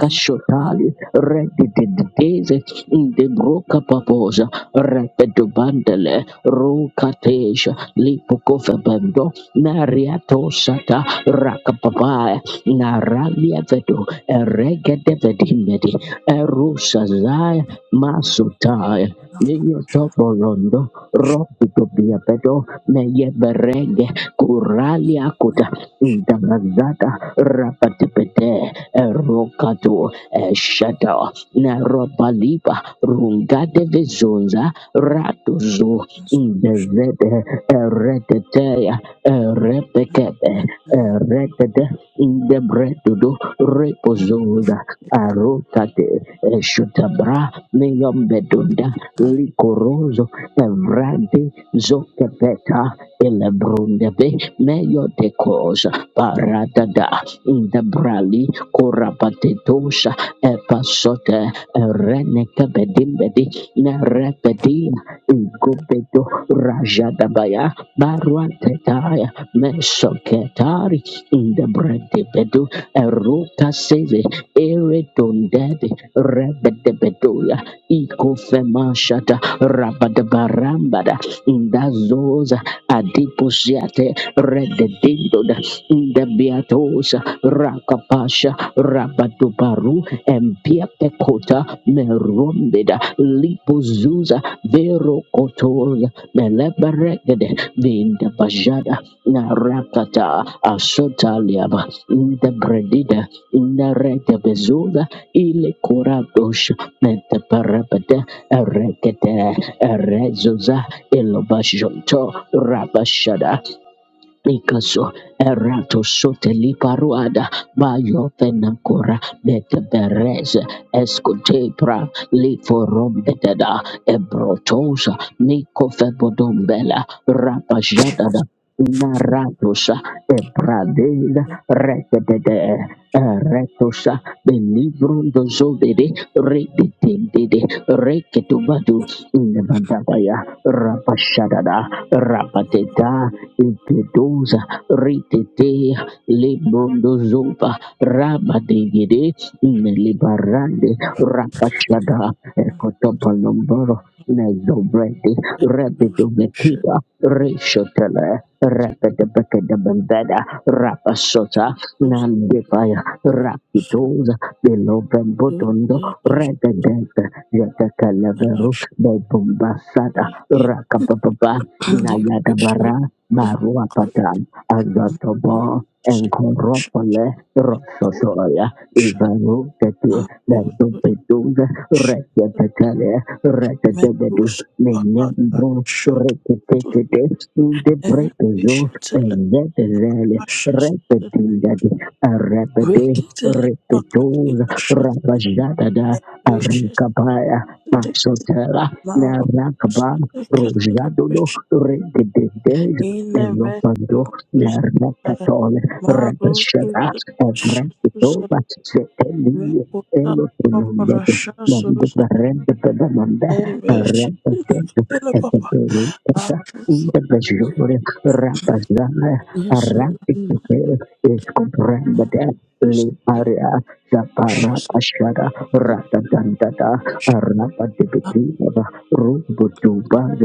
Speaker 2: Thank
Speaker 1: redededeze indebroka papoza repedobandele rokateja lipokofebendo nariatosata rakapapaya Naralia vedo eregede vedimedi erushazai masutai
Speaker 2: you.
Speaker 1: Minyo
Speaker 2: Thank
Speaker 1: topo rondo ropu topia pedo meye berege kuralia kuta ndamazata rapatipete erokatu eshata neropalipa rungate vizunza ratuzu
Speaker 2: Das Frühstück
Speaker 1: indezete eretete Repekebe,
Speaker 2: in der Kirche
Speaker 1: Redede, in the bread to do, Repozoda, Arokate, Shutabra, Neombedunda, Likorozo, Evrade, Zokepeta, Elebrundebe, Meyotecos, Paradada, in the Brali, Corapatetosa, Epasote, Renekabedimbedi, Nerepedia, Igobedo, Rajadabaya. Baruantetaya Meshoketari in the Bredebedu Eruka Seve Eredondede Rebedebeduya Ikofemashata Rabadabarambada in the zosa Adiposiate Rededindoda in the Beatosa Rakapasha Rabadubaru Empiapekota Merombeda Lipozuza Vero Kotoza Meleberegede Vinda Bajada Narakata Ashota Liaba Inda Bredida Inda Reta Bezuda Ile Kuradosh Menta Parabada Erekete Erezuza Ilobashonto Rabashada Ikaso erato sote liparuada bayo fenancora betebereze escotepra liforombededa ebrotosa micofebodombela rapajadada naratosa ebradela retedede eretosa belibrondozovede redetendede reketubadu nebandabaya rapashadada rapateta Impedoza Ritetea Lebrondozopa Rabadegede Nelibarande Rapashada
Speaker 2: war schon
Speaker 1: Ekotopalomboro Nezobrede
Speaker 2: ein juristischer
Speaker 1: Rebidumekita
Speaker 2: Ort,
Speaker 1: Reshotele
Speaker 2: das
Speaker 1: Rebedebekadabandada Rapasota
Speaker 2: Justus
Speaker 1: Nandepaya
Speaker 2: der Russe
Speaker 1: Rapitoza
Speaker 2: so
Speaker 1: Belobembotondo
Speaker 2: sehr recht
Speaker 1: Rededente Yetakalaveru
Speaker 2: erlaschlich
Speaker 1: Bebumbasada
Speaker 2: geht.
Speaker 1: Rakapapa
Speaker 2: Die Frühstücke
Speaker 1: Nayadabaranda
Speaker 2: sind kranken
Speaker 1: Maruapatan, Azatobo, Encoropole, Rosotoya, Ivarukete,
Speaker 2: Russen, Russen, Russen,
Speaker 1: Nantupetuza,
Speaker 2: Schüssen,
Speaker 1: Reketekale, Reketebedu,
Speaker 2: Metus, Bahadar,
Speaker 1: Minembo,
Speaker 2: Schatz,
Speaker 1: Reketekete, Deprekezo,
Speaker 2: Elbische Zelle,
Speaker 1: Enzetele,
Speaker 2: Aschers, Zelle,
Speaker 1: Repetindadi, Arepete,
Speaker 2: Wiki Zelle,
Speaker 1: repetul
Speaker 2: Akatila, Schatz,
Speaker 1: Rapajatada,
Speaker 2: Elbische
Speaker 1: Arikapaya, Masotera,
Speaker 2: Marusuke
Speaker 1: Narakaba, Rojadodo, Reketekete, Elopando, Narnacatole, Rabashada, Evrakitova, Seteli,
Speaker 2: Mekuta Papa
Speaker 1: Elotunundete,
Speaker 2: Rasha
Speaker 1: Nanda
Speaker 2: Susan
Speaker 1: Barenda Pedamanda,
Speaker 2: Amish
Speaker 1: Arabatetu,
Speaker 2: Tele Papa
Speaker 1: Etaperita,
Speaker 2: Ashes
Speaker 1: Inda Bajore, Rapazana,
Speaker 2: Yes
Speaker 1: Arabic, is comprended, Liparia Zapara Ashada Ratatantata Arapa Dibitiva Rubutuba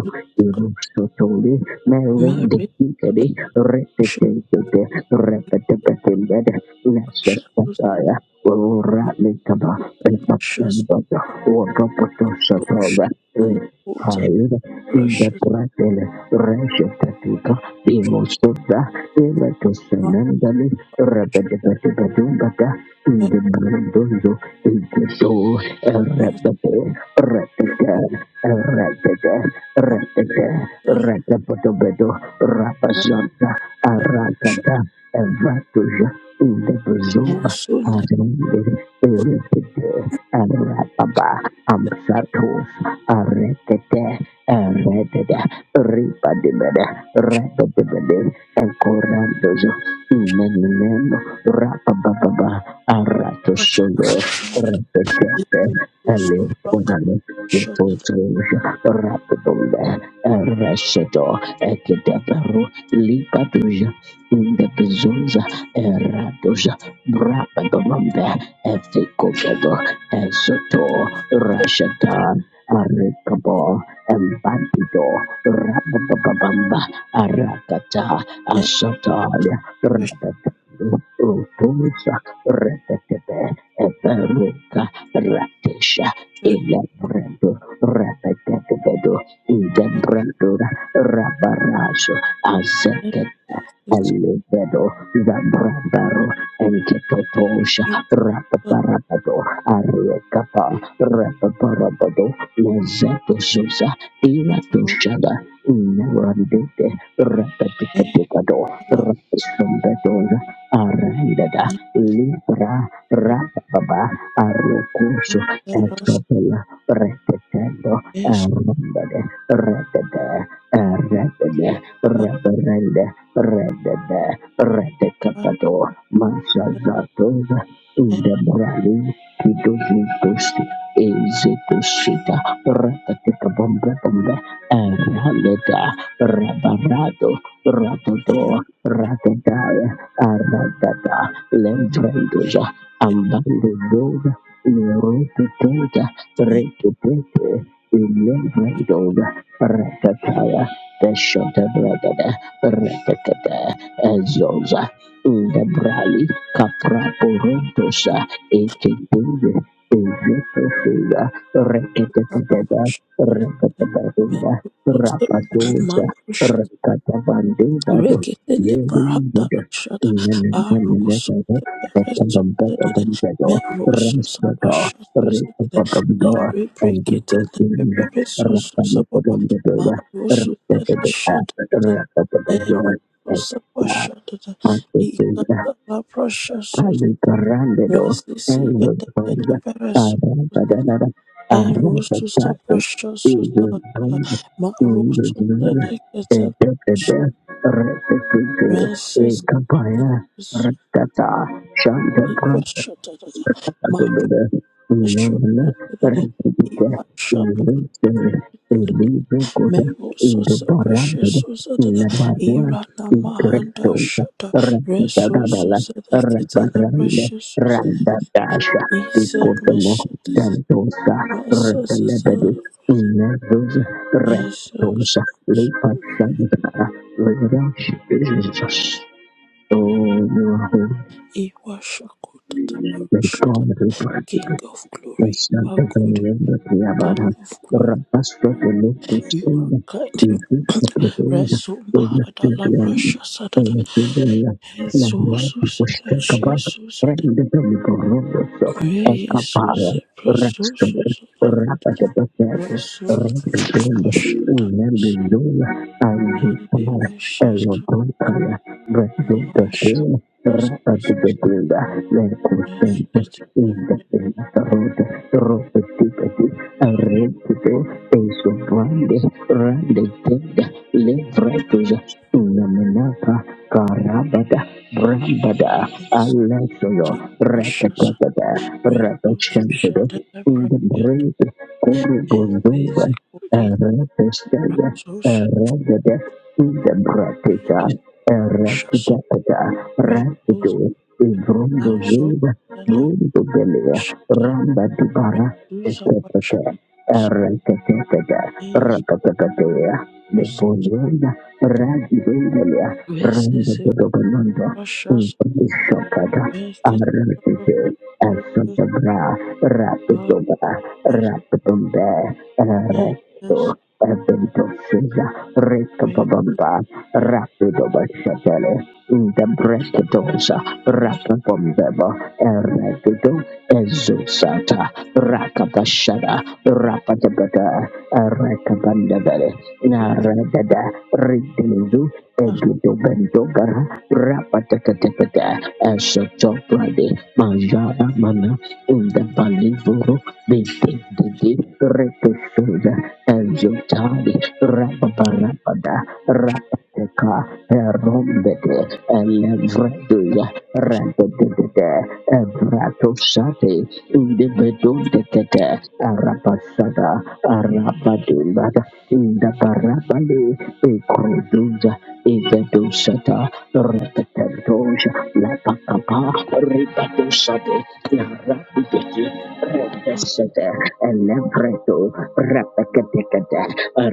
Speaker 1: Sotoli Merendi
Speaker 2: Marriage
Speaker 1: Kitty
Speaker 2: Mary
Speaker 1: Repetitive Repetitive
Speaker 2: Shashes
Speaker 1: Lesataya Ratnikaba
Speaker 2: Mekuta Shas
Speaker 1: Bepakanda Wakapoto
Speaker 2: Rosh
Speaker 1: Sotova
Speaker 2: Telepota
Speaker 1: Hired Inda
Speaker 2: Rasha
Speaker 1: pratele reshe tatika imosota ira tosenandale repetepetepetumbata inde brundozo inteto
Speaker 2: Master
Speaker 1: repete repete repete
Speaker 2: Marcel
Speaker 1: repete retepotopeto rapasanta
Speaker 2: Russia
Speaker 1: arakata evatuja inde brundozo
Speaker 2: and soon
Speaker 1: Arinde
Speaker 2: after
Speaker 1: erekete arapapa amsatos arekete eredede ripadibede rededebede ekorandozo meneneno rapababa
Speaker 2: Russia
Speaker 1: aratosozo retetete
Speaker 2: Lemisusu Raka
Speaker 1: elekonale
Speaker 2: Shodan and
Speaker 1: setotoja rapabombe ereseto ekedeberu lipatuja the Ndebezuza eradoja brabagabambe efikogedo esoto rashatan arikabo embandido rabababamba arakata asatalia
Speaker 2: Rush
Speaker 1: rabababamba
Speaker 2: Master
Speaker 1: rutusa retetebe eberuka ratesha ilebrendo repetetebedo
Speaker 2: Marcel
Speaker 1: ndebredura rabarazo
Speaker 2: is
Speaker 1: azeket Elevedo, Zabrabaro, Entetotosha,
Speaker 2: the
Speaker 1: Rapaparabado, Ariekapa, Rapaparabado, Lezeto Zuza, Irato
Speaker 2: root
Speaker 1: Shada, Nerandete,
Speaker 2: and
Speaker 1: Rapaticatecado,
Speaker 2: the lab
Speaker 1: Rapisombedoza, Arandada,
Speaker 2: and
Speaker 1: Libra, Rapababa, Arocoso,
Speaker 2: the Rush
Speaker 1: Estopela, reverendo
Speaker 2: is
Speaker 1: arrendere redede redede reverende redede
Speaker 2: Pakistan
Speaker 1: redekapado masazatoza indebrali kidozitosi ezitoshita rakatekabombe arrendeda rabarado radodo
Speaker 2: and
Speaker 1: radedaya arradada lembrendoza ambalo doga ni refu tenta rekipete iliyodoga rekataya peshota bragada rekatata ezoza ndebrali kapraporontosa ekidunge ezetofuga rekatatatata
Speaker 2: and
Speaker 1: rekatatatata
Speaker 2: Russia
Speaker 1: rapatoza
Speaker 2: Marcus
Speaker 1: rekatabandebato
Speaker 2: Reketele barata
Speaker 1: yerizada
Speaker 2: rashada arusu beresu zedede merusu sapasha zedede nire breketele beresu sapapa marusu zele shedede erusu sapasha dede
Speaker 1: Rasta
Speaker 2: ikata la prasha zedede
Speaker 1: Palicarandedo,
Speaker 2: resisi
Speaker 1: Elzos,
Speaker 2: yede yede beresu zedede
Speaker 1: Arabadada,
Speaker 2: erusu
Speaker 1: Arabatato,
Speaker 2: sapasha
Speaker 1: Jesus,
Speaker 2: zedede
Speaker 1: Jesus,
Speaker 2: marusu zele ketele
Speaker 1: Edepede, Repetite,
Speaker 2: Mrs.
Speaker 1: Ekapaya, Ratata, Shanta
Speaker 2: Ivashatarada
Speaker 1: Jesus.
Speaker 2: Marushatarada Imashabara Merosos Preciousatada Irana Mahanda Shata Resourcesada Ketana Preciousada Isa Meshatada Masasasa Jesus
Speaker 1: Oh, you are holy.
Speaker 2: Iwashakota Tabarashata
Speaker 1: God, we bless you.
Speaker 2: King of Glory,
Speaker 1: Instante
Speaker 2: our good
Speaker 1: tremendo que
Speaker 2: King
Speaker 1: abarca,
Speaker 2: of Glory.
Speaker 1: rapastro de luto
Speaker 2: You are
Speaker 1: chino, el
Speaker 2: guiding
Speaker 1: ritmo profundo,
Speaker 2: Resum
Speaker 1: pues la
Speaker 2: Hadala
Speaker 1: tierra,
Speaker 2: Prasha Sadada
Speaker 1: en la tierra, de la la nada,
Speaker 2: Jesus
Speaker 1: pues que acaba,
Speaker 2: Jesus
Speaker 1: prende de mi corrupto,
Speaker 2: May
Speaker 1: acapara,
Speaker 2: Jesus
Speaker 1: rastro,
Speaker 2: Presus
Speaker 1: rapa de paseato,
Speaker 2: Resum
Speaker 1: redondo,
Speaker 2: Prashada
Speaker 1: una bellona, al
Speaker 2: and
Speaker 1: disparar,
Speaker 2: Amy
Speaker 1: el
Speaker 2: Jesus
Speaker 1: motor para,
Speaker 2: Lasha
Speaker 1: redondo, rapa
Speaker 2: Pasus
Speaker 1: de paseato, la
Speaker 2: and
Speaker 1: consente, in
Speaker 2: the
Speaker 1: the
Speaker 2: Prince Prashas Resus Shada Pregnant and Says a Cody Rasus
Speaker 1: bratica, erecta,
Speaker 2: Resus
Speaker 1: erecta, Izondo Zeba,
Speaker 2: Azotela
Speaker 1: Brundo Belia,
Speaker 2: kushata
Speaker 1: Ramba Dubara,
Speaker 2: reduza
Speaker 1: Etetete,
Speaker 2: pashatu
Speaker 1: Eretetete,
Speaker 2: kusayengi
Speaker 1: Ratatatea,
Speaker 2: pasi
Speaker 1: Lepolienda, Raji Belia, Randa
Speaker 2: mesize
Speaker 1: Dodobanondo,
Speaker 2: kuprashas
Speaker 1: Umpati Shokata,
Speaker 2: beket pepe
Speaker 1: Aratete,
Speaker 2: susus
Speaker 1: Asabra, Rapidoba,
Speaker 2: vasas
Speaker 1: rapidombe, Resto,
Speaker 2: neses
Speaker 1: Eventosiza,
Speaker 2: mebuses
Speaker 1: Rekababamba, Rapidoba Shatele, in the Brekidosa, Rapabombeba, Erekido, Ezusata, Rakabashada, Rapadabada, Erekabandabele,
Speaker 2: rasus
Speaker 1: Naradada, Ridilizu,
Speaker 2: ipas
Speaker 1: Egidobendogara, Rapatakatapata, Ashatoprade, Majara Mana, in the Balivoro, Bete, Repesuda, Azotali, Rapaparapada, Rapateka, Erombete, Elevreduya,
Speaker 2: rasus
Speaker 1: Rapatata, Evratosate, in the Bedondekata, Arapasada, Arapadimada, in the Parapale, Ikoduza Ivedusata Repetendosha Lapakapa Ripatusade Yarabidiki Repesete Elevredo Repeketekete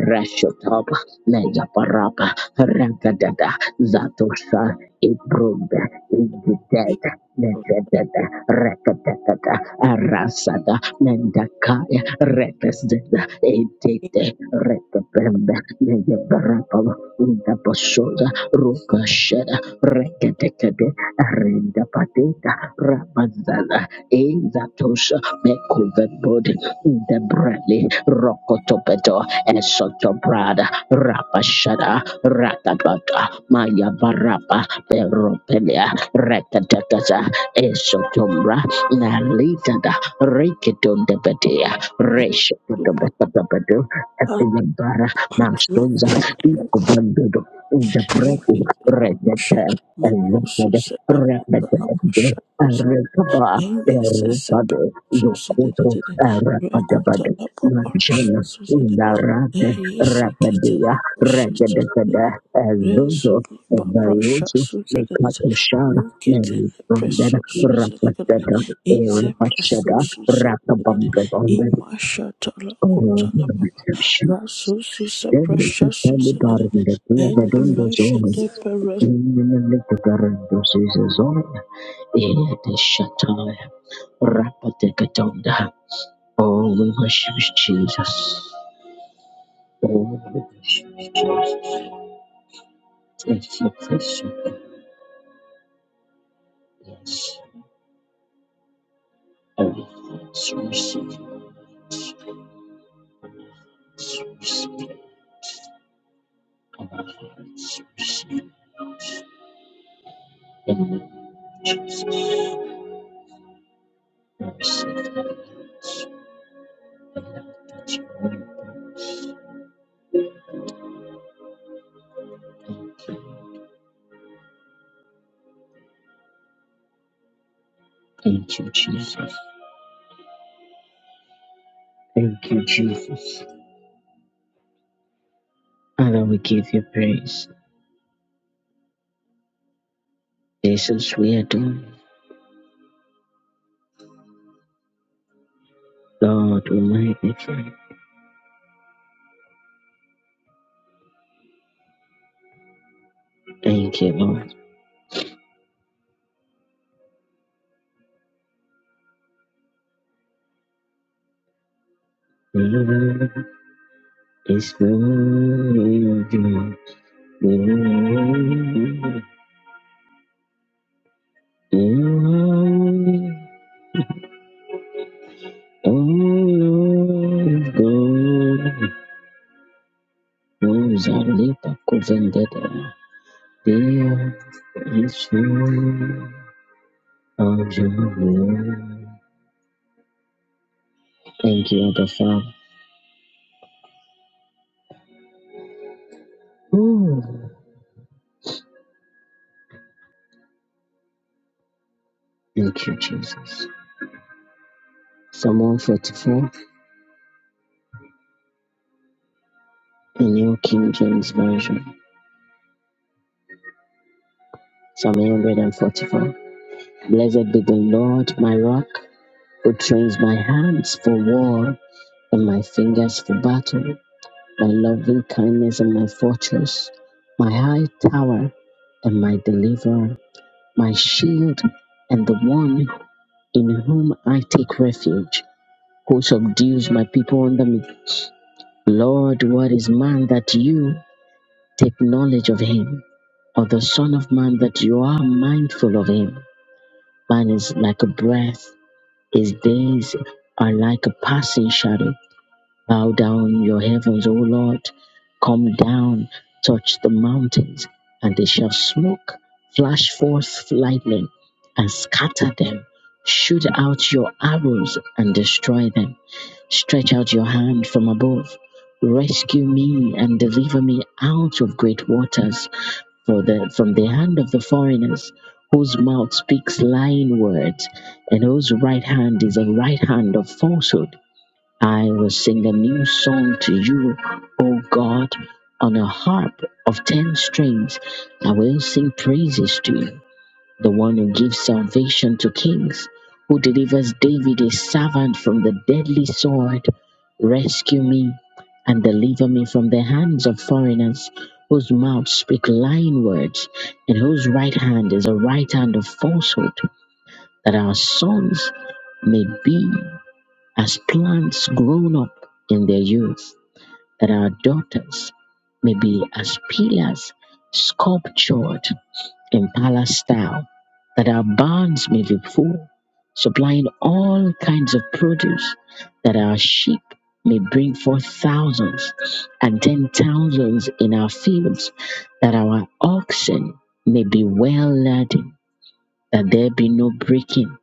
Speaker 1: Rashotop Meyaparapa Rakadada
Speaker 2: maris
Speaker 1: Zatusha Ibrunda, Inditeta,
Speaker 2: itos
Speaker 1: Nedredeta, Rekateta, Arasada, Mendakaya, Rekasdeta, Edete, Rekapenda, Nedabarapava, Indabasoda, Rukasheda, Rekateta, Arenda Pateta, Ramazada, Ezatosha Mekuvebod Debreli Rokotopeto Esotobrada Rapashada Ratabata Maya Barapa Peropelia Rekatakata Esotombra Nalitada Rekiton Depetia
Speaker 2: ikme tupapas
Speaker 1: Reshotobetabadu Epilabara
Speaker 2: rusus
Speaker 1: Mastonza Ikobandodo in the breath
Speaker 2: ikit
Speaker 1: rejected and
Speaker 2: marusus
Speaker 1: lifted repetitive and
Speaker 2: etala
Speaker 1: recover
Speaker 2: Yes, yes, yes.
Speaker 1: everybody
Speaker 2: So,
Speaker 1: you
Speaker 2: so, the the
Speaker 1: kuto
Speaker 2: the the record the
Speaker 1: repetitive machana
Speaker 2: preparation. so, so, the
Speaker 1: indarate
Speaker 2: yes, you get
Speaker 1: repedia
Speaker 2: the pressure. so, the
Speaker 1: regedekede ezuzo
Speaker 2: resume my pressure.
Speaker 1: ezayosu
Speaker 2: so, so, the the
Speaker 1: mekatushara
Speaker 2: you get the
Speaker 1: merikonded
Speaker 2: pressure. so, so, the the
Speaker 1: repetitive
Speaker 2: is the pressure. so,
Speaker 1: irapashada
Speaker 2: so, the the
Speaker 1: rapabamgedonde
Speaker 2: in my shut la
Speaker 1: Oh,
Speaker 2: kota la papa. Raso so, so,
Speaker 1: Every
Speaker 2: pressure. so,
Speaker 1: Pele
Speaker 2: so, Precious Susan
Speaker 1: Garden, that we have
Speaker 2: and
Speaker 1: done those
Speaker 2: Masha
Speaker 1: only,
Speaker 2: de Perez
Speaker 1: remember the Kia Redondo Zone, Limited Garden, Caesar Zone, in the Shatai, Rapatekatonda. Oh, we worship Jesus. Oh, we thank you, Yes, everything is received above and received. I love that you are Thank you. Thank you, Jesus. Thank you, Jesus. Father, we give you praise. Jesus, we adore you. Lord, we magnify. Thank you, Lord. Lord is worthy. Lord, you are worthy. O Lord of God. Those are Lipa Kuvendetta. There is one of your word. Thank you, Abba Father. Ooh, Thank you, Jesus. Psalm 144 in your King James Version. Psalm 144. Blessed be the Lord, my rock, who trains my hands for war and my fingers for battle, my loving kindness and my fortress, my high tower and my deliverer, my shield and the one in whom I take refuge, who subdues my people under me. Lord, what is man that you take knowledge of him, or the Son of Man that you are mindful of him? Man is like a breath His days are like a passing shadow. Bow down your heavens, O Lord. Come down, touch the mountains, and they shall smoke. Flash forth lightning and scatter them. Shoot out your arrows and destroy them. Stretch out your hand from above. Rescue me and deliver me out of great waters for the, from the hand of the foreigners, whose mouth speaks lying words, and whose right hand is a right hand of falsehood. I will sing a new song to you, O God, on a harp of ten strings. I will sing praises to you the one who gives salvation to kings, who delivers David, his servant, from the deadly sword. Rescue me and deliver me from the hands of foreigners, whose mouths speak lying words, and whose right hand is a right hand of falsehood, that our sons may be as plants grown up in their youth, that our daughters may be as pillars sculptured Impala style that our barns may be full, supplying all kinds of produce, that our sheep may bring forth thousands and ten thousands in our fields, that our oxen may be well laden, that there be no breaking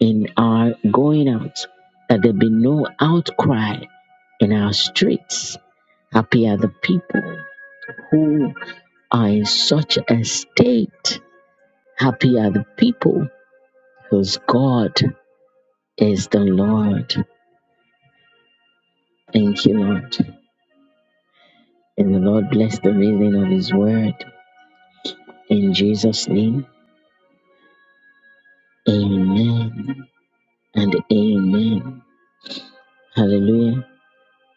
Speaker 1: in our going out, that there be no outcry in our streets. Happy are the people who are in such a state Happy are the people whose God is the Lord. Thank you, Lord. And the Lord bless the reading of His word. In Jesus' name, amen and amen. Hallelujah.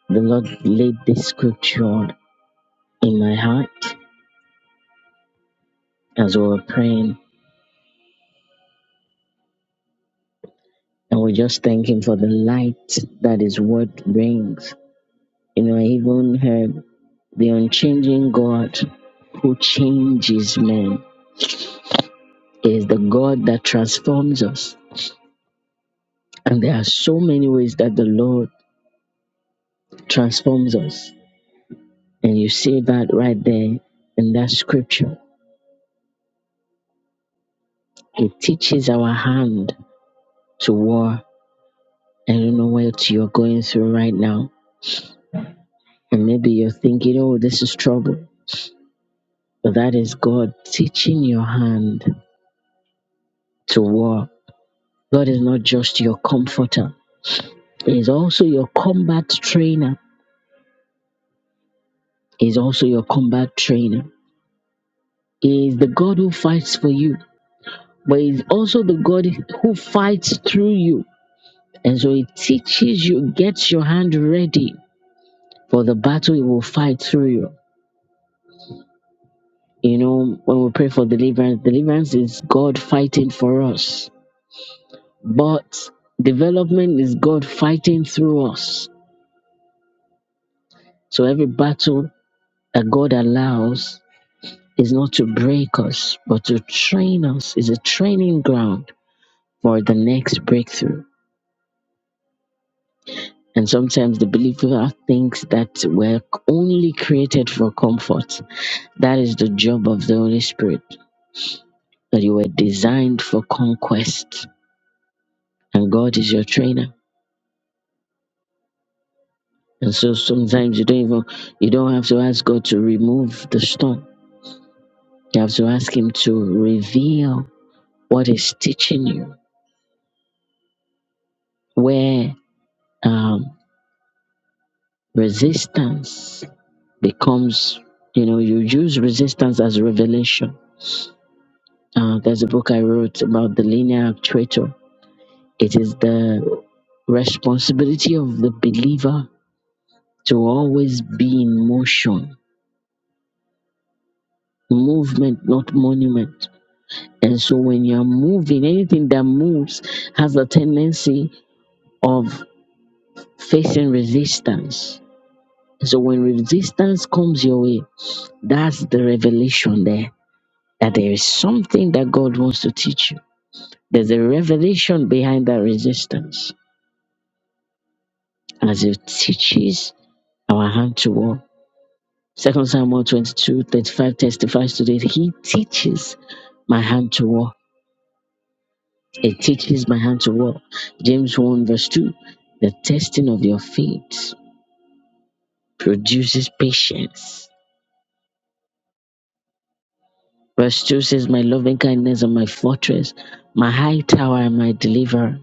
Speaker 1: The Lord laid this scripture in my heart as we were praying. And we just thank Him for the light that His word brings. You know, I even heard the unchanging God who changes men. is the God that transforms us. And there are so many ways that the Lord transforms us. And you see that right there in that scripture. He teaches our hand to war. I don't know what you're going through right now. And maybe you're thinking, oh, this is trouble. But that is God teaching your hand to war. God is not just your comforter, He is also your combat trainer. He is also your combat trainer. He is the God who fights for you. but he's also the God who fights through you. And so he teaches you, gets your hand ready for the battle he will fight through you. You know, when we pray for deliverance, deliverance is God fighting for us, but development is God fighting through us. So every battle that God allows is not to break us, but to train us, is a training ground for the next breakthrough. And sometimes the believer thinks that we're only created for comfort. That is the job of the Holy Spirit, that you were designed for conquest, and God is your trainer. And so sometimes you don't even you don't have to ask God to remove the storm. You have to ask Him to reveal what is teaching you, where um, resistance becomes. You know, you use resistance as revelation. Uh, there's a book I wrote about the linear actuator It is the responsibility of the believer to always be in motion, movement, not monument. And so when you're moving, anything that moves has a tendency of facing resistance. So when resistance comes your way, that's the revelation there that there is something that God wants to teach you. There's a revelation behind that resistance as it teaches our hand to walk Second Samuel 22 35 testifies to this. He teaches my hand to walk. It teaches my hand to walk. James 1 verse 2. The testing of your faith produces patience. Verse 2 says, My loving kindness and my fortress, my high tower and my deliverer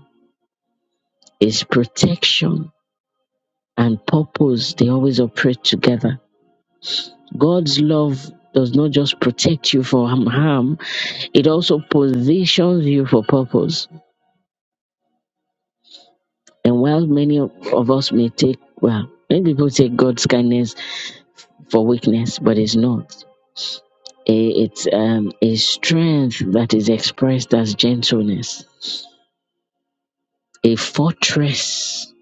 Speaker 1: is protection and purpose. They always operate together. God's love does not just protect you from harm, it also positions you for purpose. And while many of us may take, well, many people take God's kindness for weakness, but it's not. I- It's um, a strength that is expressed as gentleness, a fortress.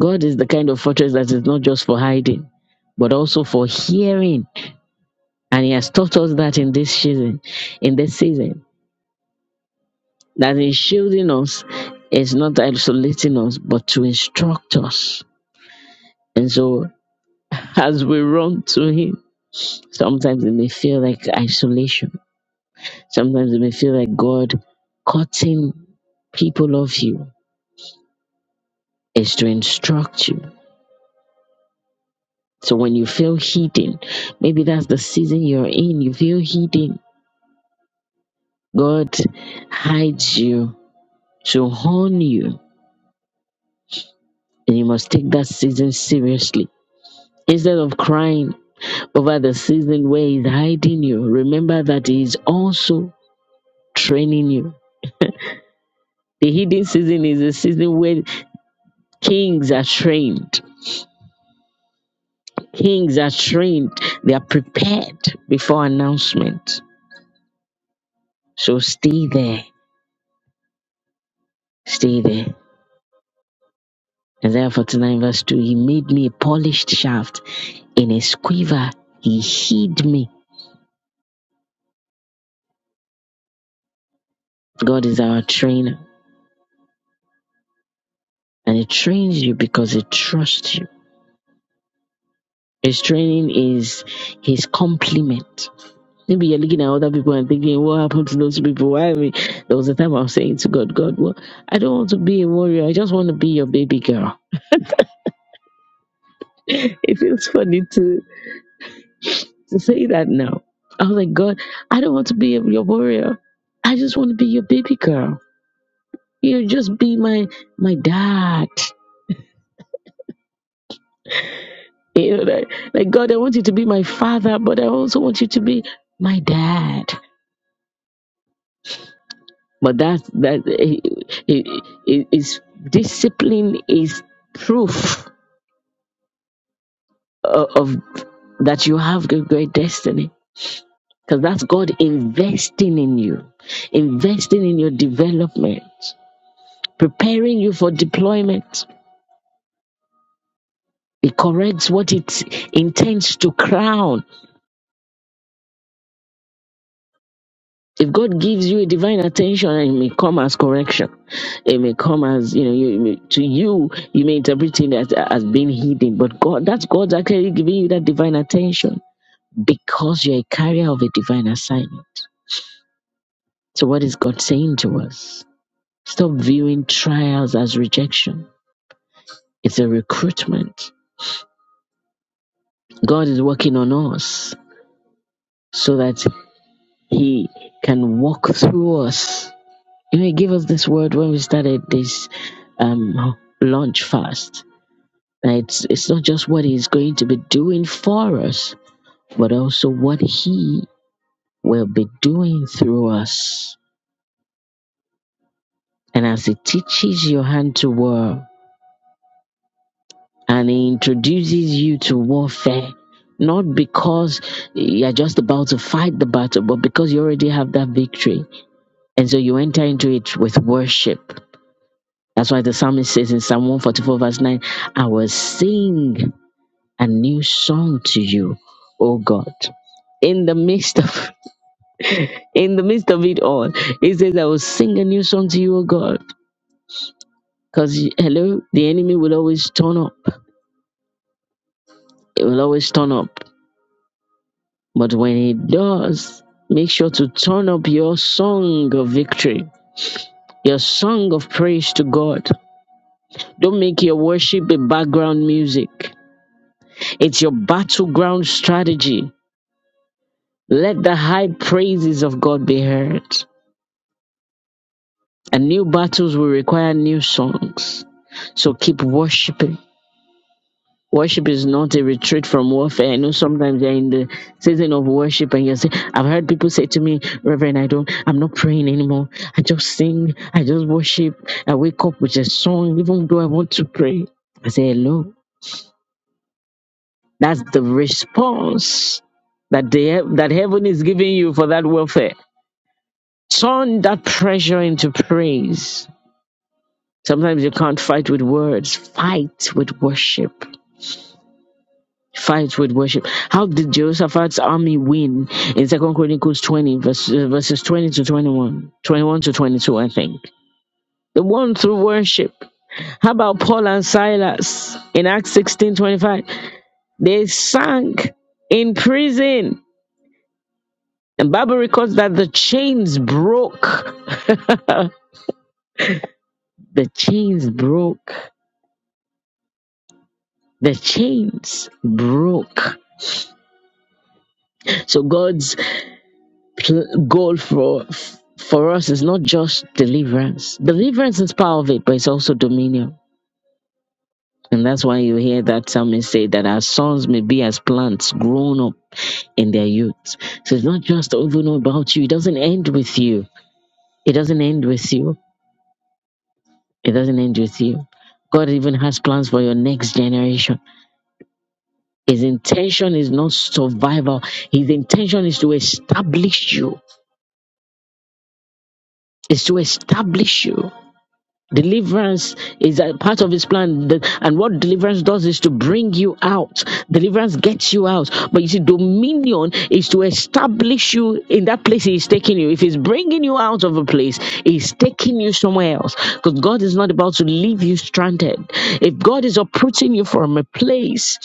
Speaker 1: God is the kind of fortress that is not just for hiding, but also for hearing. And He has taught us that in this season, in this season, that in shielding us is not isolating us, but to instruct us. And so. as we run to Him. Sometimes it may feel like isolation. Sometimes it may feel like God cutting people off you is to instruct you. So when you feel hidden, maybe that's the season you're in, you feel hidden. God hides you to hone you, and you must take that season seriously. Instead of crying over the season where He's hiding you, remember that He is also training you. The hidden season is a season where kings are trained. Kings are trained. They are prepared before announcement. So stay there. Stay there. Isaiah 49 verse 2. He made me a polished shaft. In his quiver, he hid me. God is our trainer. And he trains you because he trusts you. His training is his complement. Maybe you are looking at other people and thinking, what happened to those people? Why? Are we? There was a time I was saying to God, God, well, I don't want to be a warrior. I just want to be your baby girl. It feels funny to to say that now. I was like, God, I don't want to be a, your warrior. I just want to be your baby girl. You know, just be my my dad. You know, like, like God, I want you to be my father, but I also want you to be my dad. But that that it, it, it is discipline is proof uh, of that you have a great destiny because that's God investing in you, investing in your development, preparing you for deployment. It corrects what it intends to crown. If God gives you a divine attention, it may come as correction. It may come as you know, you, you may- to you, you may interpret it as, as being hidden. But God, that's God's actually giving you that divine attention because you're a carrier of a divine assignment. So, what is God saying to us? Stop viewing trials as rejection. It's a recruitment. God is working on us so that He can walk through us. You know, He gave us this word when we started this um, launch fast. Now, It's, it's not just what He's going to be doing for us, but also what He will be doing through us. And as He teaches your hand to work, and he introduces you to warfare not because you're just about to fight the battle but because you already have that victory and so you enter into it with worship that's why the psalmist says in psalm 144 verse 9 i will sing a new song to you o god in the midst of in the midst of it all he says i will sing a new song to you o god because hello the enemy will always turn up it will always turn up But when he does, make sure to turn up your song of victory, your song of praise to God. Don't make your worship a background music, it's your battleground strategy. Let the high praises of God be heard. And new battles will require new songs. So keep worshiping Worship is not a retreat from warfare. I know sometimes you're in the season of worship and you say, I've heard people say to me, Reverend, I don't, I'm not praying anymore. I just sing, I just worship. I wake up with a song, even though I want to pray. I say, hello. That's the response that the, that heaven is giving you for that warfare. Turn that pressure into praise. Sometimes you can't fight with words, fight with worship. Fights with worship. How did Jehoshaphat's army win in Second Chronicles 20, verse, uh, verses 20 to 21? 21 to 22, I think. The one through worship. How about Paul and Silas in Acts 16 25? They sank in prison. And Bible records that the chains broke. The chains broke. The chains broke. So God's pl- goal for for us is not just deliverance. Deliverance is part of it, but it's also dominion. And that's why you hear that psalmist say that our sons may be as plants grown up in their youth. So it's not just even about you. It doesn't end with you. It doesn't end with you. It doesn't end with you. God even has plans for your next generation. His intention is not survival. His intention is to establish you. Is to establish you. Deliverance is a part of his plan. The- And what deliverance does is to bring you out. Deliverance gets you out. But you see, dominion is to establish you in that place he's taking you. If he's bringing you out of a place, he's taking you somewhere else. Because God is not about to leave you stranded. If God is uprooting you from a place,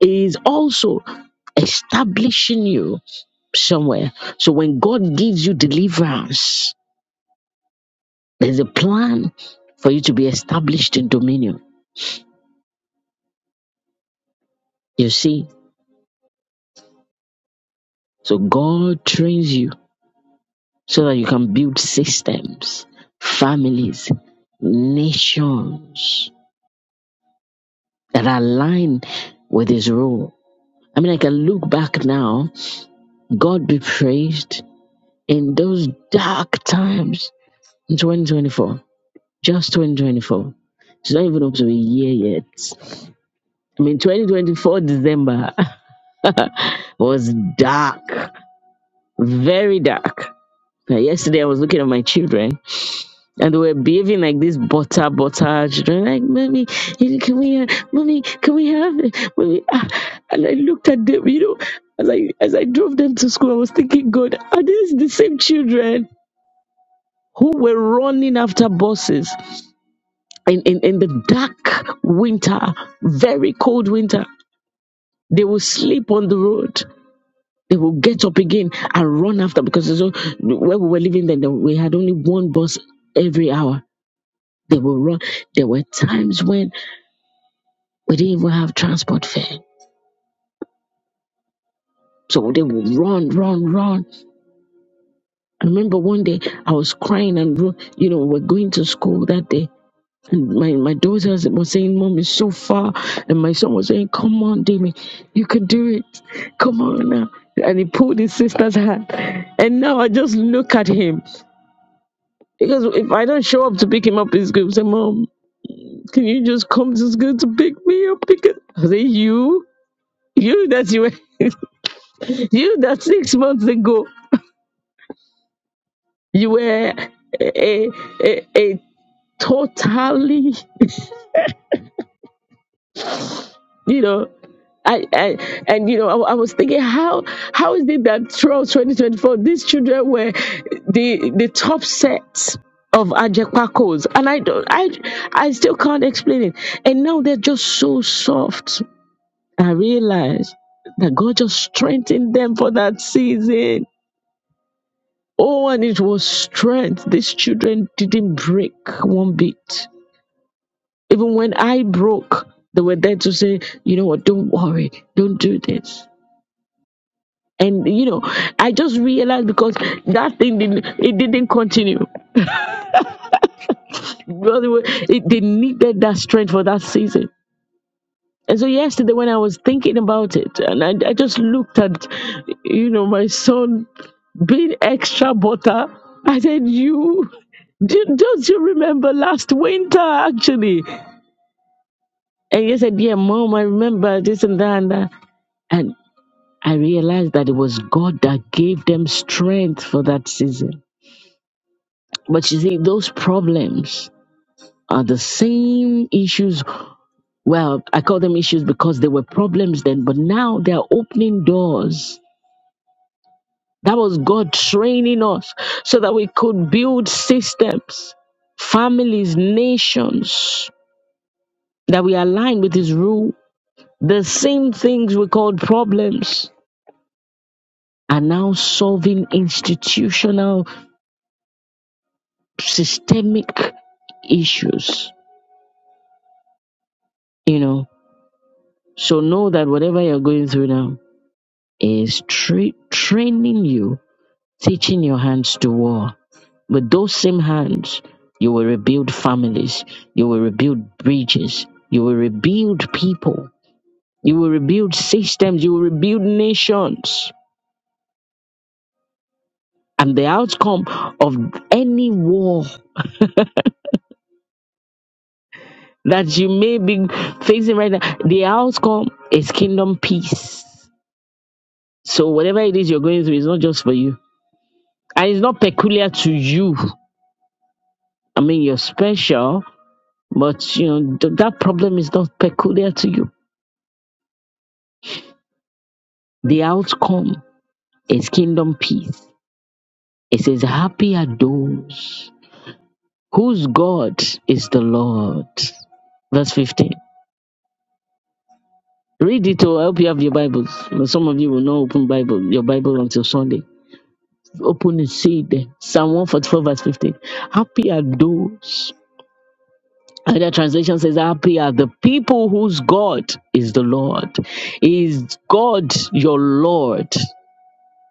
Speaker 1: he is also establishing you somewhere. So when God gives you deliverance, there's a plan for you to be established in dominion. You see, so God trains you so that you can build systems, families, nations that align with His rule. I mean, I can look back now, God be praised in those dark times in 2024, just 2024. It's not even up to a year yet. I mean, 2024 December was dark. very dark. Like yesterday, I was looking at my children, and they were behaving like this butter butter children. Like, mommy, eh, can we, have, mommy, can we have, it? mommy? Ah. And I looked at them, you know, as I as I drove them to school, I was thinking, God, are these the same children who were running after buses in in, in the dark winter, very cold winter? They will sleep on the road They will get up again and run after because it's all- where we were living then, then we had only one bus every hour. They will run. There were times when we didn't even have transport fare. So they would run, run, run. I remember one day I was crying and, ro- you know, we're going to school that day. And my, my daughter was saying, Mom, it's so far. And my son was saying, Come on, Demi, you can do it. Come on now. And he pulled his sister's hand. And now I just look at him. Because if I don't show up to pick him up, he's going to say, Mom, can you just come to school to pick me up? Because I say, You, you that you were, you that six months ago, you were a, a, a totally, you know, I, I and you know I, I was thinking how how is it that throughout 2024 these children were the the top set of Ajepakos and I don't I I still can't explain it and now they're just so soft I realized that God just strengthened them for that season. Oh, and it was strength. These children didn't break one bit. Even when I broke, they were there to say, you know what, don't worry, don't do this. And you know, I just realized because that thing didn't it didn't continue. By the way, it, they needed that strength for that season. And so yesterday, when I was thinking about it, and I, I just looked at, you know, my son being extra butter, I said, "You, do, don't you remember last winter actually?" And he said, "Yeah, mom, I remember this and that and that." And I realized that it was God that gave them strength for that season. But you see, those problems are the same issues. Well, I call them issues because they were problems then, but now they are opening doors That was God training us so that we could build systems, families, nations that we align with His rule. The same things we called problems are now solving institutional, systemic issues, you know. So know that whatever you're going through now is tra- training you, teaching your hands to war With those same hands, you will rebuild families, you will rebuild bridges, you will rebuild people, you will rebuild systems, you will rebuild nations. And the outcome of any war that you may be facing right now, the outcome is kingdom peace. So whatever it is you're going through, it's not just for you. And it's not peculiar to you. I mean, you're special, but you know, th- that problem is not peculiar to you. The outcome is kingdom peace. It says, Happy are those whose God is the Lord. Verse 15. Read it or I hope you have your Bibles. Some of you will not open Bible, your Bible until Sunday. Open and see it there. Psalm 144, verse 15. Happy are those. Another translation says, Happy are the people whose God is the Lord. Is God your Lord?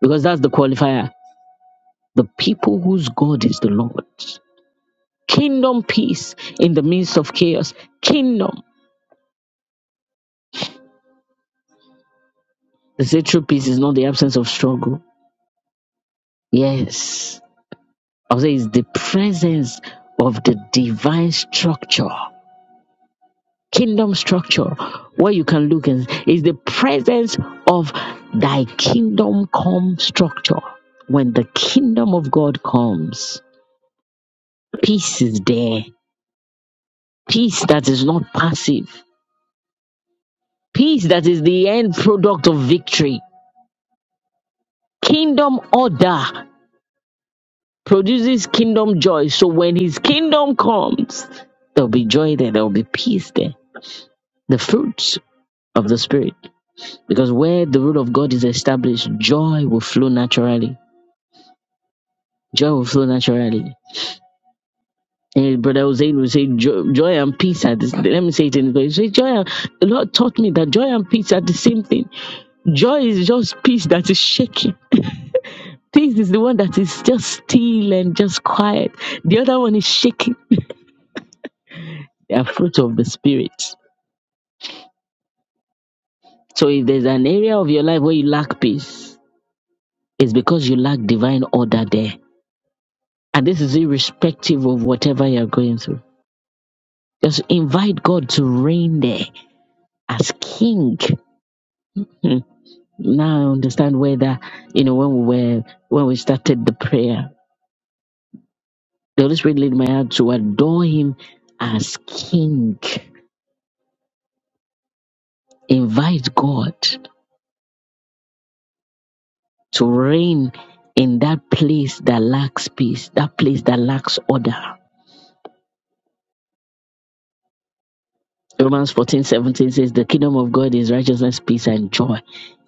Speaker 1: Because that's the qualifier. The people whose God is the Lord. Kingdom peace in the midst of chaos. Kingdom. The say true peace is not the absence of struggle. Yes. I'll say it's the presence of the divine structure. Kingdom structure where you can look and is the presence of thy kingdom come structure. When the kingdom of God comes, peace is there. Peace that is not passive. Peace that is the end product of victory. Kingdom order. produces kingdom joy. So when his kingdom comes, there'll be joy there, there'll be peace there. The fruits of the spirit. Because where the rule of God is established, joy will flow naturally. Joy will flow naturally. And Brother Hussein will say, "Jo- joy and peace are the same." Let me say it in English. Say, joy and, the Lord taught me that joy and peace are the same thing. Joy is just peace that is shaking. Peace is the one that is just still and just quiet. The other one is shaking. They are fruit of the spirit So if there's an area of your life where you lack peace, it's because you lack divine order there. And this is irrespective of whatever you're going through. Just invite God to reign there as king. Hmm. Now I understand where that, you know, when we were, when we started the prayer, the Holy Spirit led my heart to adore him as king. Invite God to reign in that place that lacks peace, that place that lacks order Romans 14 17 says, The kingdom of God is righteousness, peace, and joy.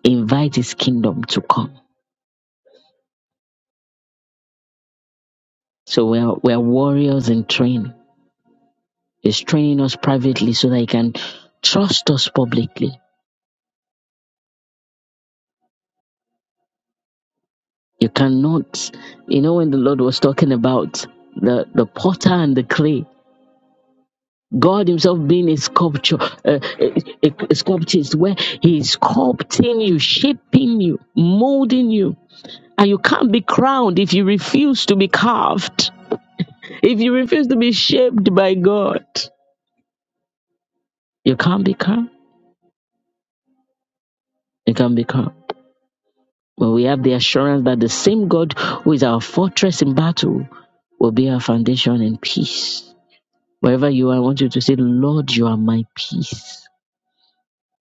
Speaker 1: Invite his kingdom to come. So we're, we're warriors in training. He's training us privately so that he can trust us publicly. You cannot, you know, when the Lord was talking about the, the potter and the clay, God Himself being a sculpture, uh, a, a, a sculptist, where He is sculpting you, shaping you, molding you. And you can't be crowned if you refuse to be carved If you refuse to be shaped by God, you can't be calm. You can't be calm. But we have the assurance that the same God who is our fortress in battle will be our foundation in peace. Wherever you are, I want you to say, Lord, you are my peace.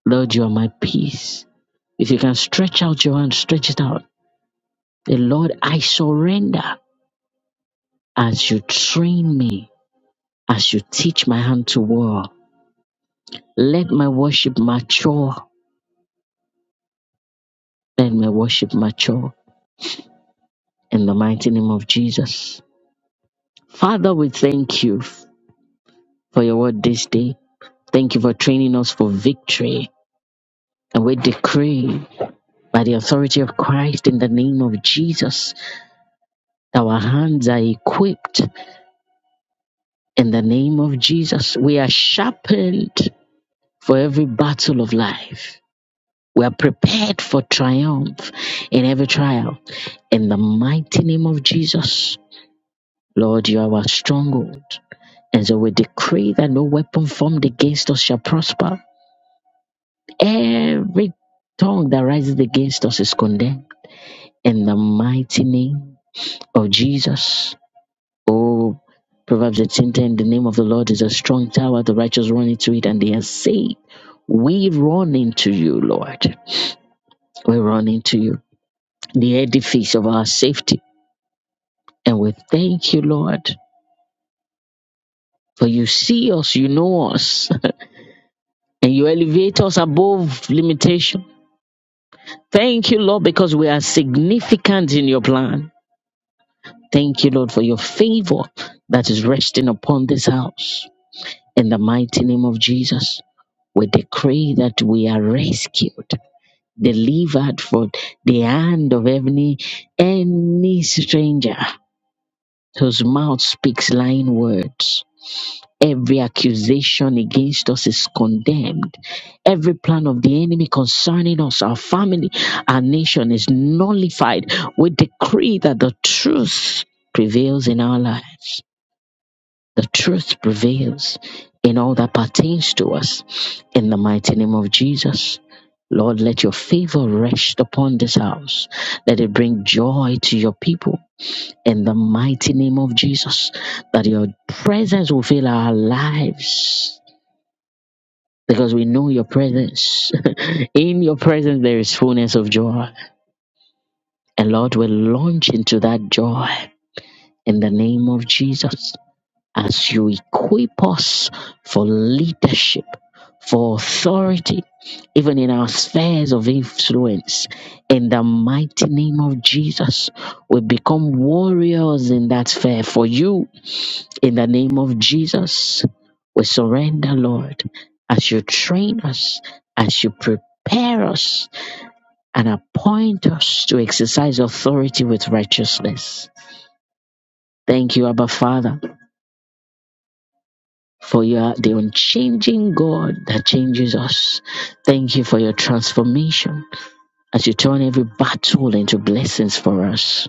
Speaker 1: Lord, you are my peace. If you can stretch out your hand, stretch it out. The Lord, I surrender as you train me, as you teach my hand to war. Let my worship mature. Let my worship mature. in the mighty name of Jesus. Father, we thank you for your word this day. Thank you for training us for victory. And we decree by the authority of Christ in the name of Jesus that our hands are equipped in the name of Jesus. We are sharpened for every battle of life. We are prepared for triumph in every trial. In the mighty name of Jesus, Lord, you are our stronghold. And so we decree that no weapon formed against us shall prosper. Every tongue that rises against us is condemned. In the mighty name of Jesus. Oh, Proverbs 18 ten, the name of the Lord is a strong tower. The righteous run into it and they are saved. We run into you, Lord. We run into you, the edifice of our safety. And we thank you, Lord, for you see us, you know us, and you elevate us above limitation. Thank you, Lord, because we are significant in your plan. Thank you, Lord, for your favor that is resting upon this house. In the mighty name of Jesus, we decree that we are rescued, delivered from the hand of any any stranger whose mouth speaks lying words. Every accusation against us is condemned. Every plan of the enemy concerning us, our family, our nation is nullified. We decree that the truth prevails in our lives. The truth prevails in all that pertains to us. In the mighty name of Jesus. Lord, let your favor rest upon this house. Let it bring joy to your people in the mighty name of Jesus, that your presence will fill our lives. Because we know your presence. in your presence, there is fullness of joy. And Lord, we launch into that joy in the name of Jesus as you equip us for leadership, for authority, even in our spheres of influence. In the mighty name of Jesus, we become warriors in that sphere for you In the name of Jesus, we surrender, Lord, as you train us, as you prepare us, and appoint us to exercise authority with righteousness. Thank you, Abba Father, for you are the unchanging God that changes us. Thank you for your transformation as you turn every battle into blessings for us.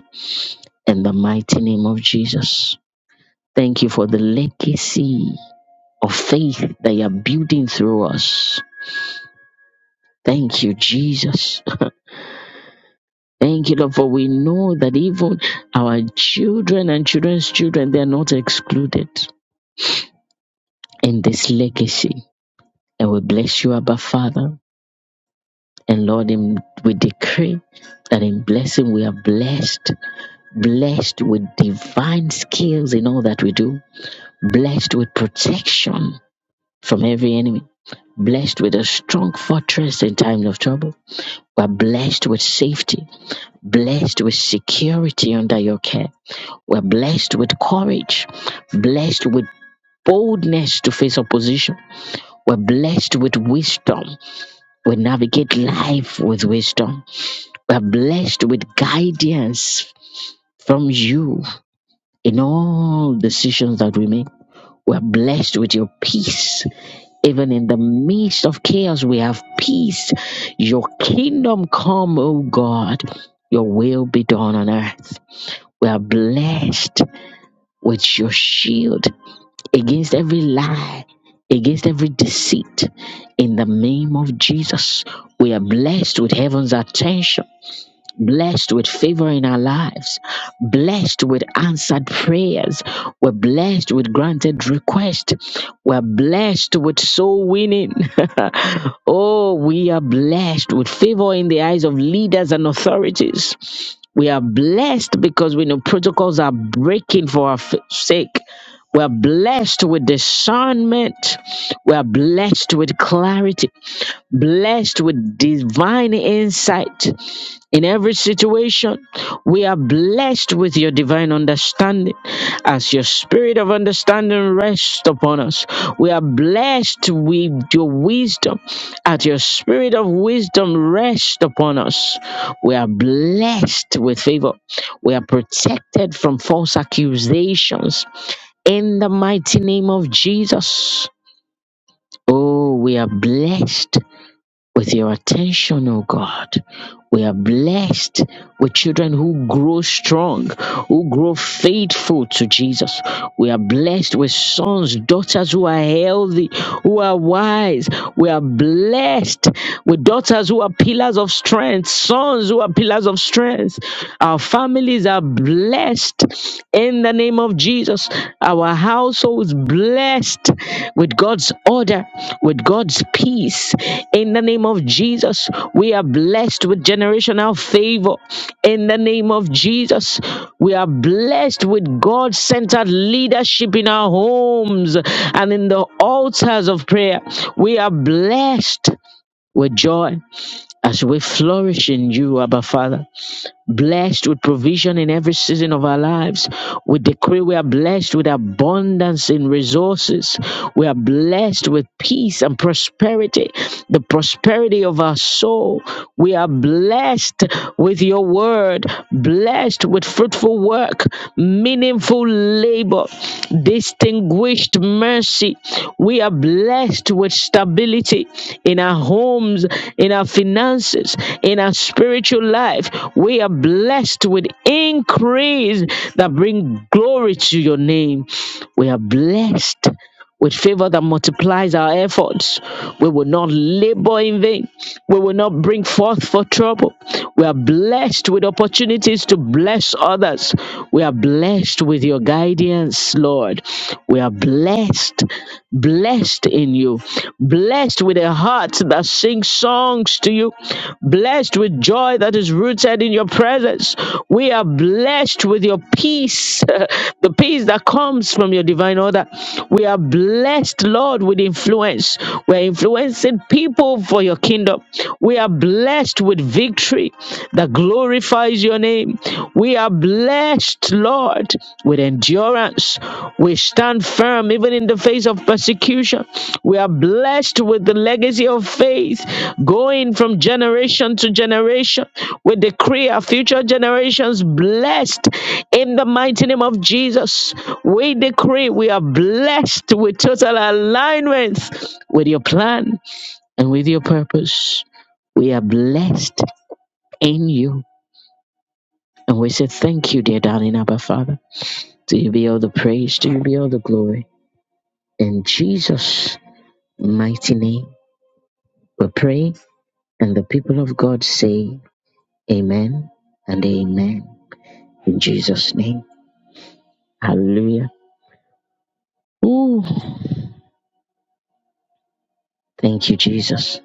Speaker 1: In the mighty name of Jesus. Thank you for the legacy of faith that you are building through us. Thank you, Jesus. Thank you, Lord, for we know that even our children and children's children, they are not excluded in this legacy. And we bless you, Abba Father. And Lord, in, we decree that in blessing we are blessed, blessed with divine skills in all that we do, blessed with protection from every enemy, blessed with a strong fortress in time of trouble. We are blessed with safety blessed with security under your care. We're blessed with courage, blessed with boldness to face opposition. We're blessed with wisdom. We navigate life with wisdom. We're blessed with guidance from you in all decisions that we make. We're blessed with your peace. Even in the midst of chaos, we have peace. Your kingdom come, O God. Your will be done on earth. We are blessed with your shield against every lie, against every deceit. In the name of Jesus, we are blessed with heaven's attention blessed with favor in our lives, blessed with answered prayers, we're blessed with granted requests, we're blessed with soul winning. oh, we are blessed with favor in the eyes of leaders and authorities. We are blessed because we know protocols are breaking for our f- sake. We're blessed with discernment. We're blessed with clarity blessed with divine insight in every situation. We are blessed with your divine understanding as your spirit of understanding rests upon us. We are blessed with your wisdom as your spirit of wisdom rests upon us. We are blessed with favor. We are protected from false accusations in the mighty name of Jesus. Oh, we are blessed with your attention, oh God. We are blessed with children who grow strong, who grow faithful to Jesus. We are blessed with sons, daughters who are healthy, who are wise. We are blessed with daughters who are pillars of strength, sons who are pillars of strength. Our families are blessed in the name of Jesus. Our households blessed with God's order, with God's peace in the name of Jesus. We are blessed with generational favor in the name of Jesus. We are blessed with God centered leadership in our homes and in the altars of prayer. We are blessed with joy as we flourish in you, Abba Father. Blessed with provision in every season of our lives. We decree we are blessed with abundance in resources. We are blessed with peace and prosperity, the prosperity of our soul. We are blessed with your word, blessed with fruitful work, meaning meaningful labor, distinguished mercy. We are blessed with stability in our homes, in our finances, in our spiritual life. We are blessed with increase that bring glory to your name. We are blessed with favor that multiplies our efforts. We will not labor in vain. We will not bring forth for trouble. We are blessed with opportunities to bless others. We are blessed with your guidance, Lord. We are blessed blessed in you, blessed with a heart that sings songs to you, blessed with joy that is rooted in your presence. We are blessed with your peace, the peace that comes from your divine order. We are blessed, Lord, with influence. We're influencing people for your kingdom. We are blessed with victory that glorifies your name. We are blessed, Lord, with endurance. We stand firm even in the face of persecution. We are blessed with the legacy of faith going from generation to generation. We decree our future generations blessed in the mighty name of Jesus. We decree we are blessed with total alignment with your plan and with your purpose. We are blessed in you. And we say thank you, dear darling Abba Father. To you be all the praise, to you be all the glory. In Jesus' mighty name we pray. And the people of God say, Amen and Amen. In Jesus' name. Hallelujah. Ooh, thank you, Jesus.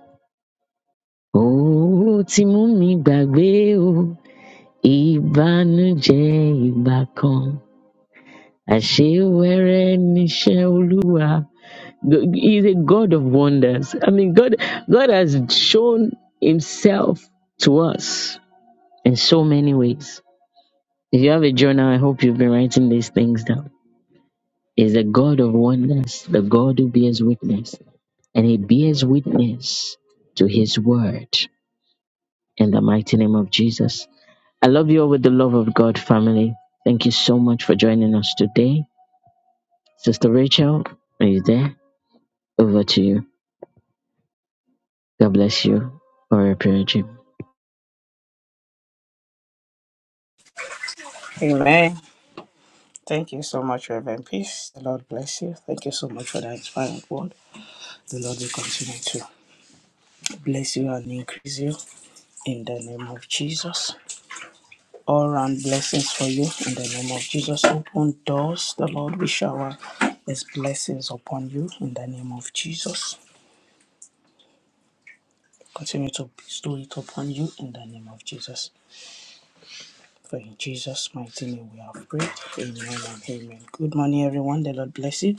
Speaker 1: Oh, ti mú mi gbàgbé o, ìbànújẹ́ ìgbà kan, àṣewẹ́rẹ́ níṣẹ́ Olúwa. He's a God of wonders. I mean, God, God has shown Himself to us in so many ways. If you have a journal, I hope you've been writing these things down. Is the God of oneness, the God who bears witness, and he bears witness to his word in the mighty name of Jesus. I love you all with the love of God, family. Thank you so much for joining us today. Sister Rachel, are you there? Over to you. God bless you for your prayer, Jim.
Speaker 2: Amen. Thank you so much, Reverend Peace. The Lord bless you. Thank you so much for that inspiring word. The Lord will continue to bless you and increase you in the name of Jesus. All round blessings for you in the name of Jesus. Open doors. The Lord will shower His blessings upon you in the name of Jesus. Continue to bestow it upon you in the name of Jesus. For in Jesus' mighty name we have prayed. Amen and amen. Good morning, everyone. The Lord bless you.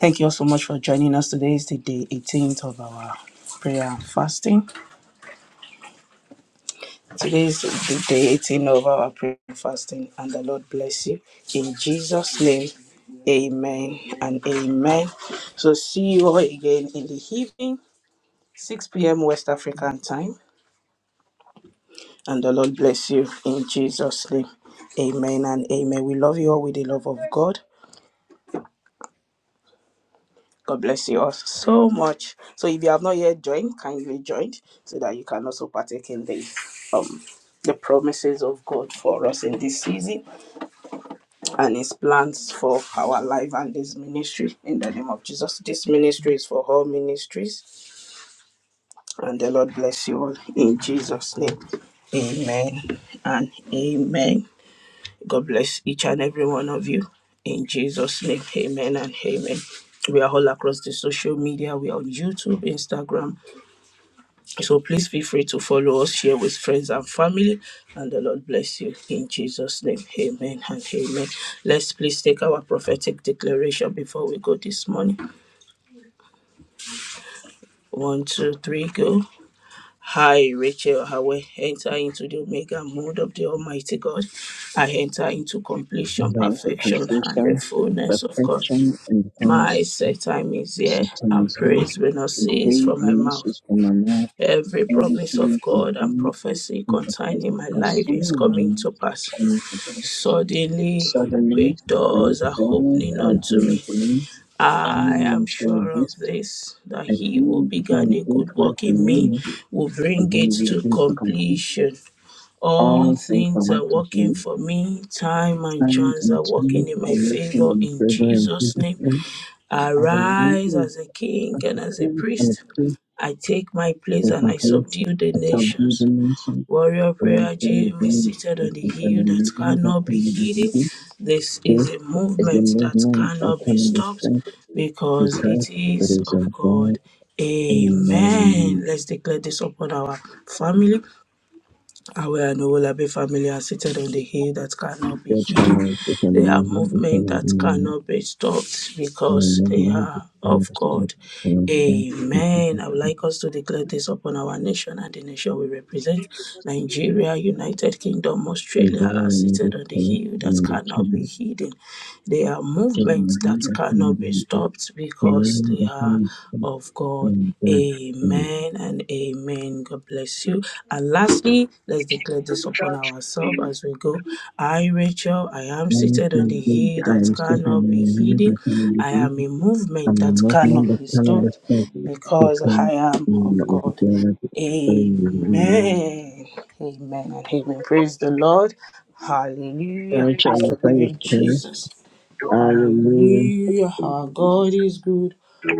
Speaker 2: Thank you all so much for joining us. Today is the day 18th of our prayer and fasting. Today is the day 18 of our prayer and fasting, and the Lord bless you. In Jesus' name, amen and amen. So, see you all again in the evening, 6 p.m. West African time, and the Lord bless you in Jesus' name. Amen and amen. We love you all with the love of God. God bless you all so much. So if you have not yet joined, kindly join so that you can also partake in the um the promises of God for us in this season and his plans for our life and this ministry in the name of Jesus. This ministry is for all ministries and the Lord bless you all in Jesus' name. Amen and amen. God bless each and every one of you. In Jesus' name, amen and amen. We are all across the social media. We are on YouTube, Instagram, So please feel free to follow us, share with friends and family, and the Lord bless you in Jesus' name. Amen and amen. Let's please take our prophetic declaration before we go this morning. One, two, three, go. Hi, Rachel Howe. Enter into the Omega mode of the Almighty God. I enter into completion,
Speaker 1: Thanks for
Speaker 2: perfection, and the
Speaker 1: conversation,
Speaker 2: fullness of God.
Speaker 1: perfection, and
Speaker 2: My
Speaker 1: the
Speaker 2: set time is here, and
Speaker 1: Satanism,
Speaker 2: praise will not cease
Speaker 1: betrayed
Speaker 2: from my mouth.
Speaker 1: Onesimus from my mouth,
Speaker 2: Every promise of
Speaker 1: everything is
Speaker 2: God and
Speaker 1: burned
Speaker 2: prophecy
Speaker 1: and confessed
Speaker 2: concerning
Speaker 1: with
Speaker 2: my life is
Speaker 1: consuming my
Speaker 2: coming to
Speaker 1: mouth
Speaker 2: pass.
Speaker 1: concerning the Lord.
Speaker 2: Suddenly,
Speaker 1: Suddenly,
Speaker 2: great
Speaker 1: great
Speaker 2: doors are
Speaker 1: doors
Speaker 2: opening unto
Speaker 1: opened
Speaker 2: me.
Speaker 1: unto me,
Speaker 2: I am sure
Speaker 1: unmentioned
Speaker 2: of
Speaker 1: host,
Speaker 2: this that
Speaker 1: and
Speaker 2: he who
Speaker 1: he
Speaker 2: began
Speaker 1: began
Speaker 2: a
Speaker 1: a great
Speaker 2: good
Speaker 1: work
Speaker 2: work
Speaker 1: for
Speaker 2: in me
Speaker 1: me,
Speaker 2: will
Speaker 1: a
Speaker 2: bring it
Speaker 1: wonderful
Speaker 2: to
Speaker 1: thing to complete.
Speaker 2: completion. All
Speaker 1: All things are
Speaker 2: things are
Speaker 1: worked unto
Speaker 2: working
Speaker 1: me,
Speaker 2: for me. Time and
Speaker 1: signs
Speaker 2: chance
Speaker 1: and
Speaker 2: are
Speaker 1: turns,
Speaker 2: working in my
Speaker 1: for
Speaker 2: favor
Speaker 1: looking and
Speaker 2: in
Speaker 1: further and
Speaker 2: Jesus' name.
Speaker 1: everything.
Speaker 2: Arise
Speaker 1: Hallelujah.
Speaker 2: as a king and as a priest. I take my place
Speaker 1: with
Speaker 2: and
Speaker 1: my
Speaker 2: I
Speaker 1: case.
Speaker 2: subdue the
Speaker 1: I told you the
Speaker 2: nations.
Speaker 1: nation
Speaker 2: Warrior
Speaker 1: was
Speaker 2: Prayer
Speaker 1: very
Speaker 2: Gym is
Speaker 1: good.
Speaker 2: seated
Speaker 1: This
Speaker 2: on the
Speaker 1: is the
Speaker 2: hill that
Speaker 1: movement that
Speaker 2: cannot be
Speaker 1: can be
Speaker 2: hidden.
Speaker 1: delivered.
Speaker 2: This is
Speaker 1: This
Speaker 2: a
Speaker 1: is the
Speaker 2: movement that
Speaker 1: movement that
Speaker 2: cannot be
Speaker 1: can be
Speaker 2: stopped
Speaker 1: done.
Speaker 2: because
Speaker 1: Because
Speaker 2: it
Speaker 1: it
Speaker 2: is
Speaker 1: is a
Speaker 2: of
Speaker 1: God
Speaker 2: God.
Speaker 1: in
Speaker 2: Amen.
Speaker 1: my
Speaker 2: Let's declare this upon our family. Aware and all family are seated on the hill that cannot be
Speaker 1: Your trauma
Speaker 2: hid.
Speaker 1: is
Speaker 2: They
Speaker 1: becoming
Speaker 2: are
Speaker 1: movement,
Speaker 2: movement
Speaker 1: becoming
Speaker 2: that
Speaker 1: movement,
Speaker 2: cannot be stopped
Speaker 1: and a
Speaker 2: because they
Speaker 1: movement that
Speaker 2: are
Speaker 1: can
Speaker 2: of
Speaker 1: understand
Speaker 2: God.
Speaker 1: and understand and
Speaker 2: Amen. I would
Speaker 1: understand
Speaker 2: like us to declare this upon our nation and the nation we represent. Nigeria, United Kingdom,
Speaker 1: and
Speaker 2: Australia are
Speaker 1: growing in
Speaker 2: seated
Speaker 1: this
Speaker 2: on the
Speaker 1: faith
Speaker 2: hill
Speaker 1: and
Speaker 2: that
Speaker 1: the
Speaker 2: cannot be
Speaker 1: kingdom.
Speaker 2: hidden. They are
Speaker 1: So the
Speaker 2: movements
Speaker 1: mind
Speaker 2: that
Speaker 1: that can
Speaker 2: cannot
Speaker 1: be
Speaker 2: be
Speaker 1: delivered,
Speaker 2: stopped
Speaker 1: the
Speaker 2: because
Speaker 1: mind
Speaker 2: they
Speaker 1: that can
Speaker 2: are of God.
Speaker 1: be delivered,
Speaker 2: Amen and amen. God bless you. And lastly, let's declare
Speaker 1: and
Speaker 2: this
Speaker 1: that
Speaker 2: upon ourselves as we go. I, Rachel, I am
Speaker 1: One
Speaker 2: seated on the
Speaker 1: can think
Speaker 2: hill
Speaker 1: I
Speaker 2: that
Speaker 1: am sick and
Speaker 2: cannot be
Speaker 1: I
Speaker 2: hidden.
Speaker 1: remember telling
Speaker 2: I
Speaker 1: you
Speaker 2: am a movement
Speaker 1: I'm
Speaker 2: that
Speaker 1: not one
Speaker 2: cannot
Speaker 1: that
Speaker 2: be
Speaker 1: can
Speaker 2: stopped
Speaker 1: understand the
Speaker 2: because I
Speaker 1: pain
Speaker 2: am
Speaker 1: in
Speaker 2: of
Speaker 1: the
Speaker 2: God.
Speaker 1: together.
Speaker 2: Amen. Amen and amen. Praise the Lord. Hallelujah.
Speaker 1: I try
Speaker 2: Praise
Speaker 1: to
Speaker 2: the
Speaker 1: say it
Speaker 2: living
Speaker 1: here.
Speaker 2: Jesus.
Speaker 1: Hallelujah.
Speaker 2: Hallelujah. Our God is good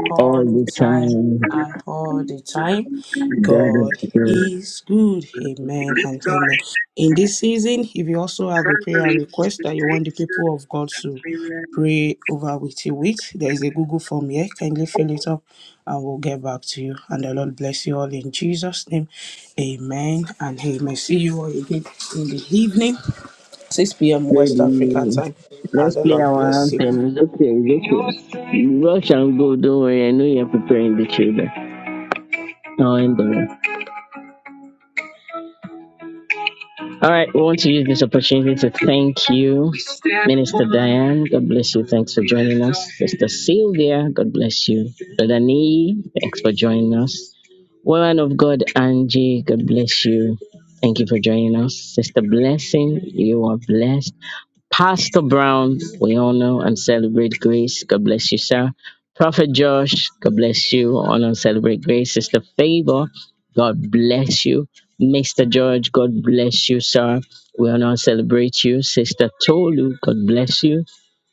Speaker 2: all
Speaker 1: All
Speaker 2: the
Speaker 1: the
Speaker 2: time
Speaker 1: time.
Speaker 2: and all the time.
Speaker 1: That
Speaker 2: God is good. Amen and amen. In this season, if you also have a prayer request that you want the
Speaker 1: is
Speaker 2: people of God to
Speaker 1: good.
Speaker 2: pray over with you with, there is a Google form here. Kindly fill it up and we'll get back to you. And the Lord bless you all in Jesus' name. Amen and amen. See you all again in the evening, 6 p.m. West African
Speaker 1: Baby,
Speaker 2: time.
Speaker 1: let's
Speaker 2: And the
Speaker 1: play
Speaker 2: Lord
Speaker 1: our
Speaker 2: bless you.
Speaker 1: anthem. it's okay, it's okay. Rush and go. Don't worry, I know you're preparing the children. No, I'm done. All right, we want to use this opportunity to thank you, Minister Diane. God bless you. Thanks for joining us. Sister Sylvia, God bless you. Brother Nee, thanks for joining us. Woman of God, Angie, God bless you. Thank you for joining us. Sister Blessing, you are blessed. Pastor Brown, we all know, and Celebrate Grace. God bless you, sir. Prophet Josh, God bless you on Uncelebrate Grace. Sister Favor, God bless you. Mr. George, God bless you, sir. We honor and celebrate you. Sister Tolu, God bless you.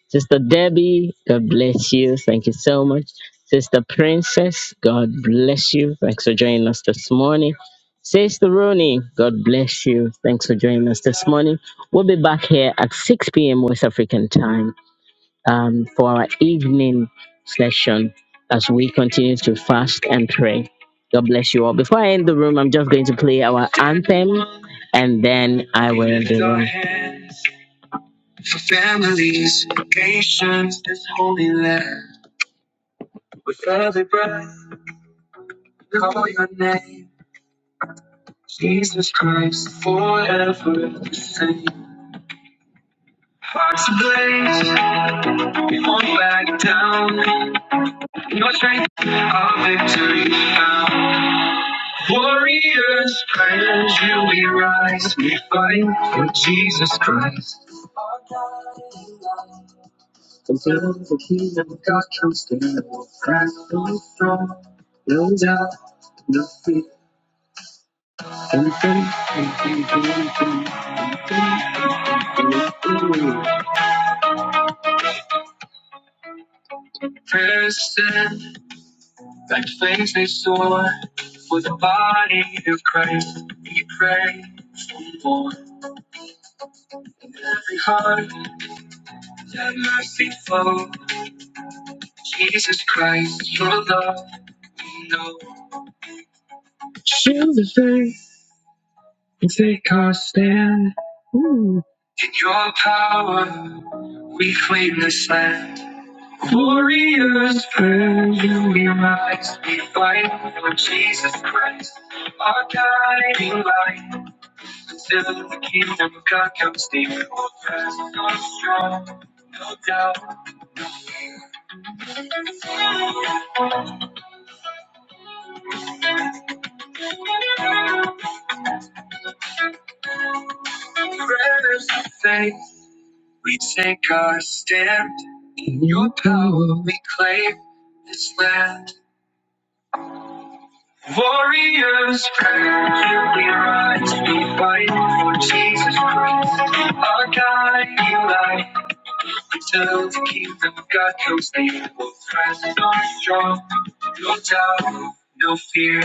Speaker 1: Sister Debbie, God bless you. Thank you so much. Sister Princess, God bless you. Thanks for joining us this morning. Sister Rooney, God bless you. Thanks for joining us this morning. We'll be back here at 6 p.m. West African time um, for our evening session as we continue to fast and pray. God bless you all. Before I end the room, I'm just going to play our anthem and then I will end the room for families, nations, this holy land. With every breath, we call your name, Jesus Christ, forever the same. Hearts ablaze, we won't back down. In your strength, our victory found. Warriors, prayers, you we rise. We fight for Jesus Christ. Until the kingdom of God comes down, we'll stand strong, no doubt. no fear. Person that makes me sore for the body of Christ. We pray for more. Every heart that mercy flow. Jesus Christ, your love we know. Shield the faith and take our stand. Ooh. In your power, we claim this land. Glorious treasure we rise, we fight for Jesus Christ, our guiding light. Until the kingdom of God comes, deep hold fast on strong, no doubt. Prayers of faith, we take our stand. In your power we claim this land. Warriors, prayer, we rise, we fight for Jesus Christ, our guiding light. Eternal the kingdom of God comes, they will press on strong. No doubt, no fear.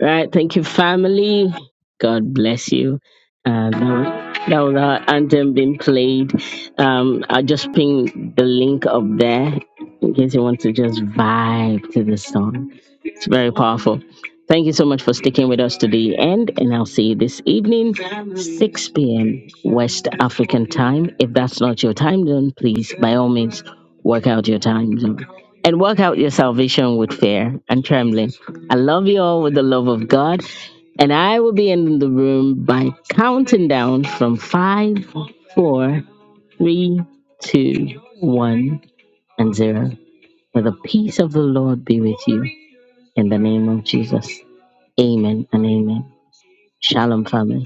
Speaker 1: Right, thank you, family. God bless you. Uh, that was that was our anthem being played. Um, I'll just ping the link up there in case you want to just vibe to the song. It's very powerful. Thank you so much for sticking with us to the end, and I'll see you this evening, 6 p.m. West African time. If that's not your time zone, please, by all means, work out your time zone and work out your salvation with fear and trembling. I love you all with the love of God. And I will be in the room by counting down from five, four, three, two, one, and zero. May the peace of the Lord be with you in the name of Jesus. Amen and amen. Shalom, family.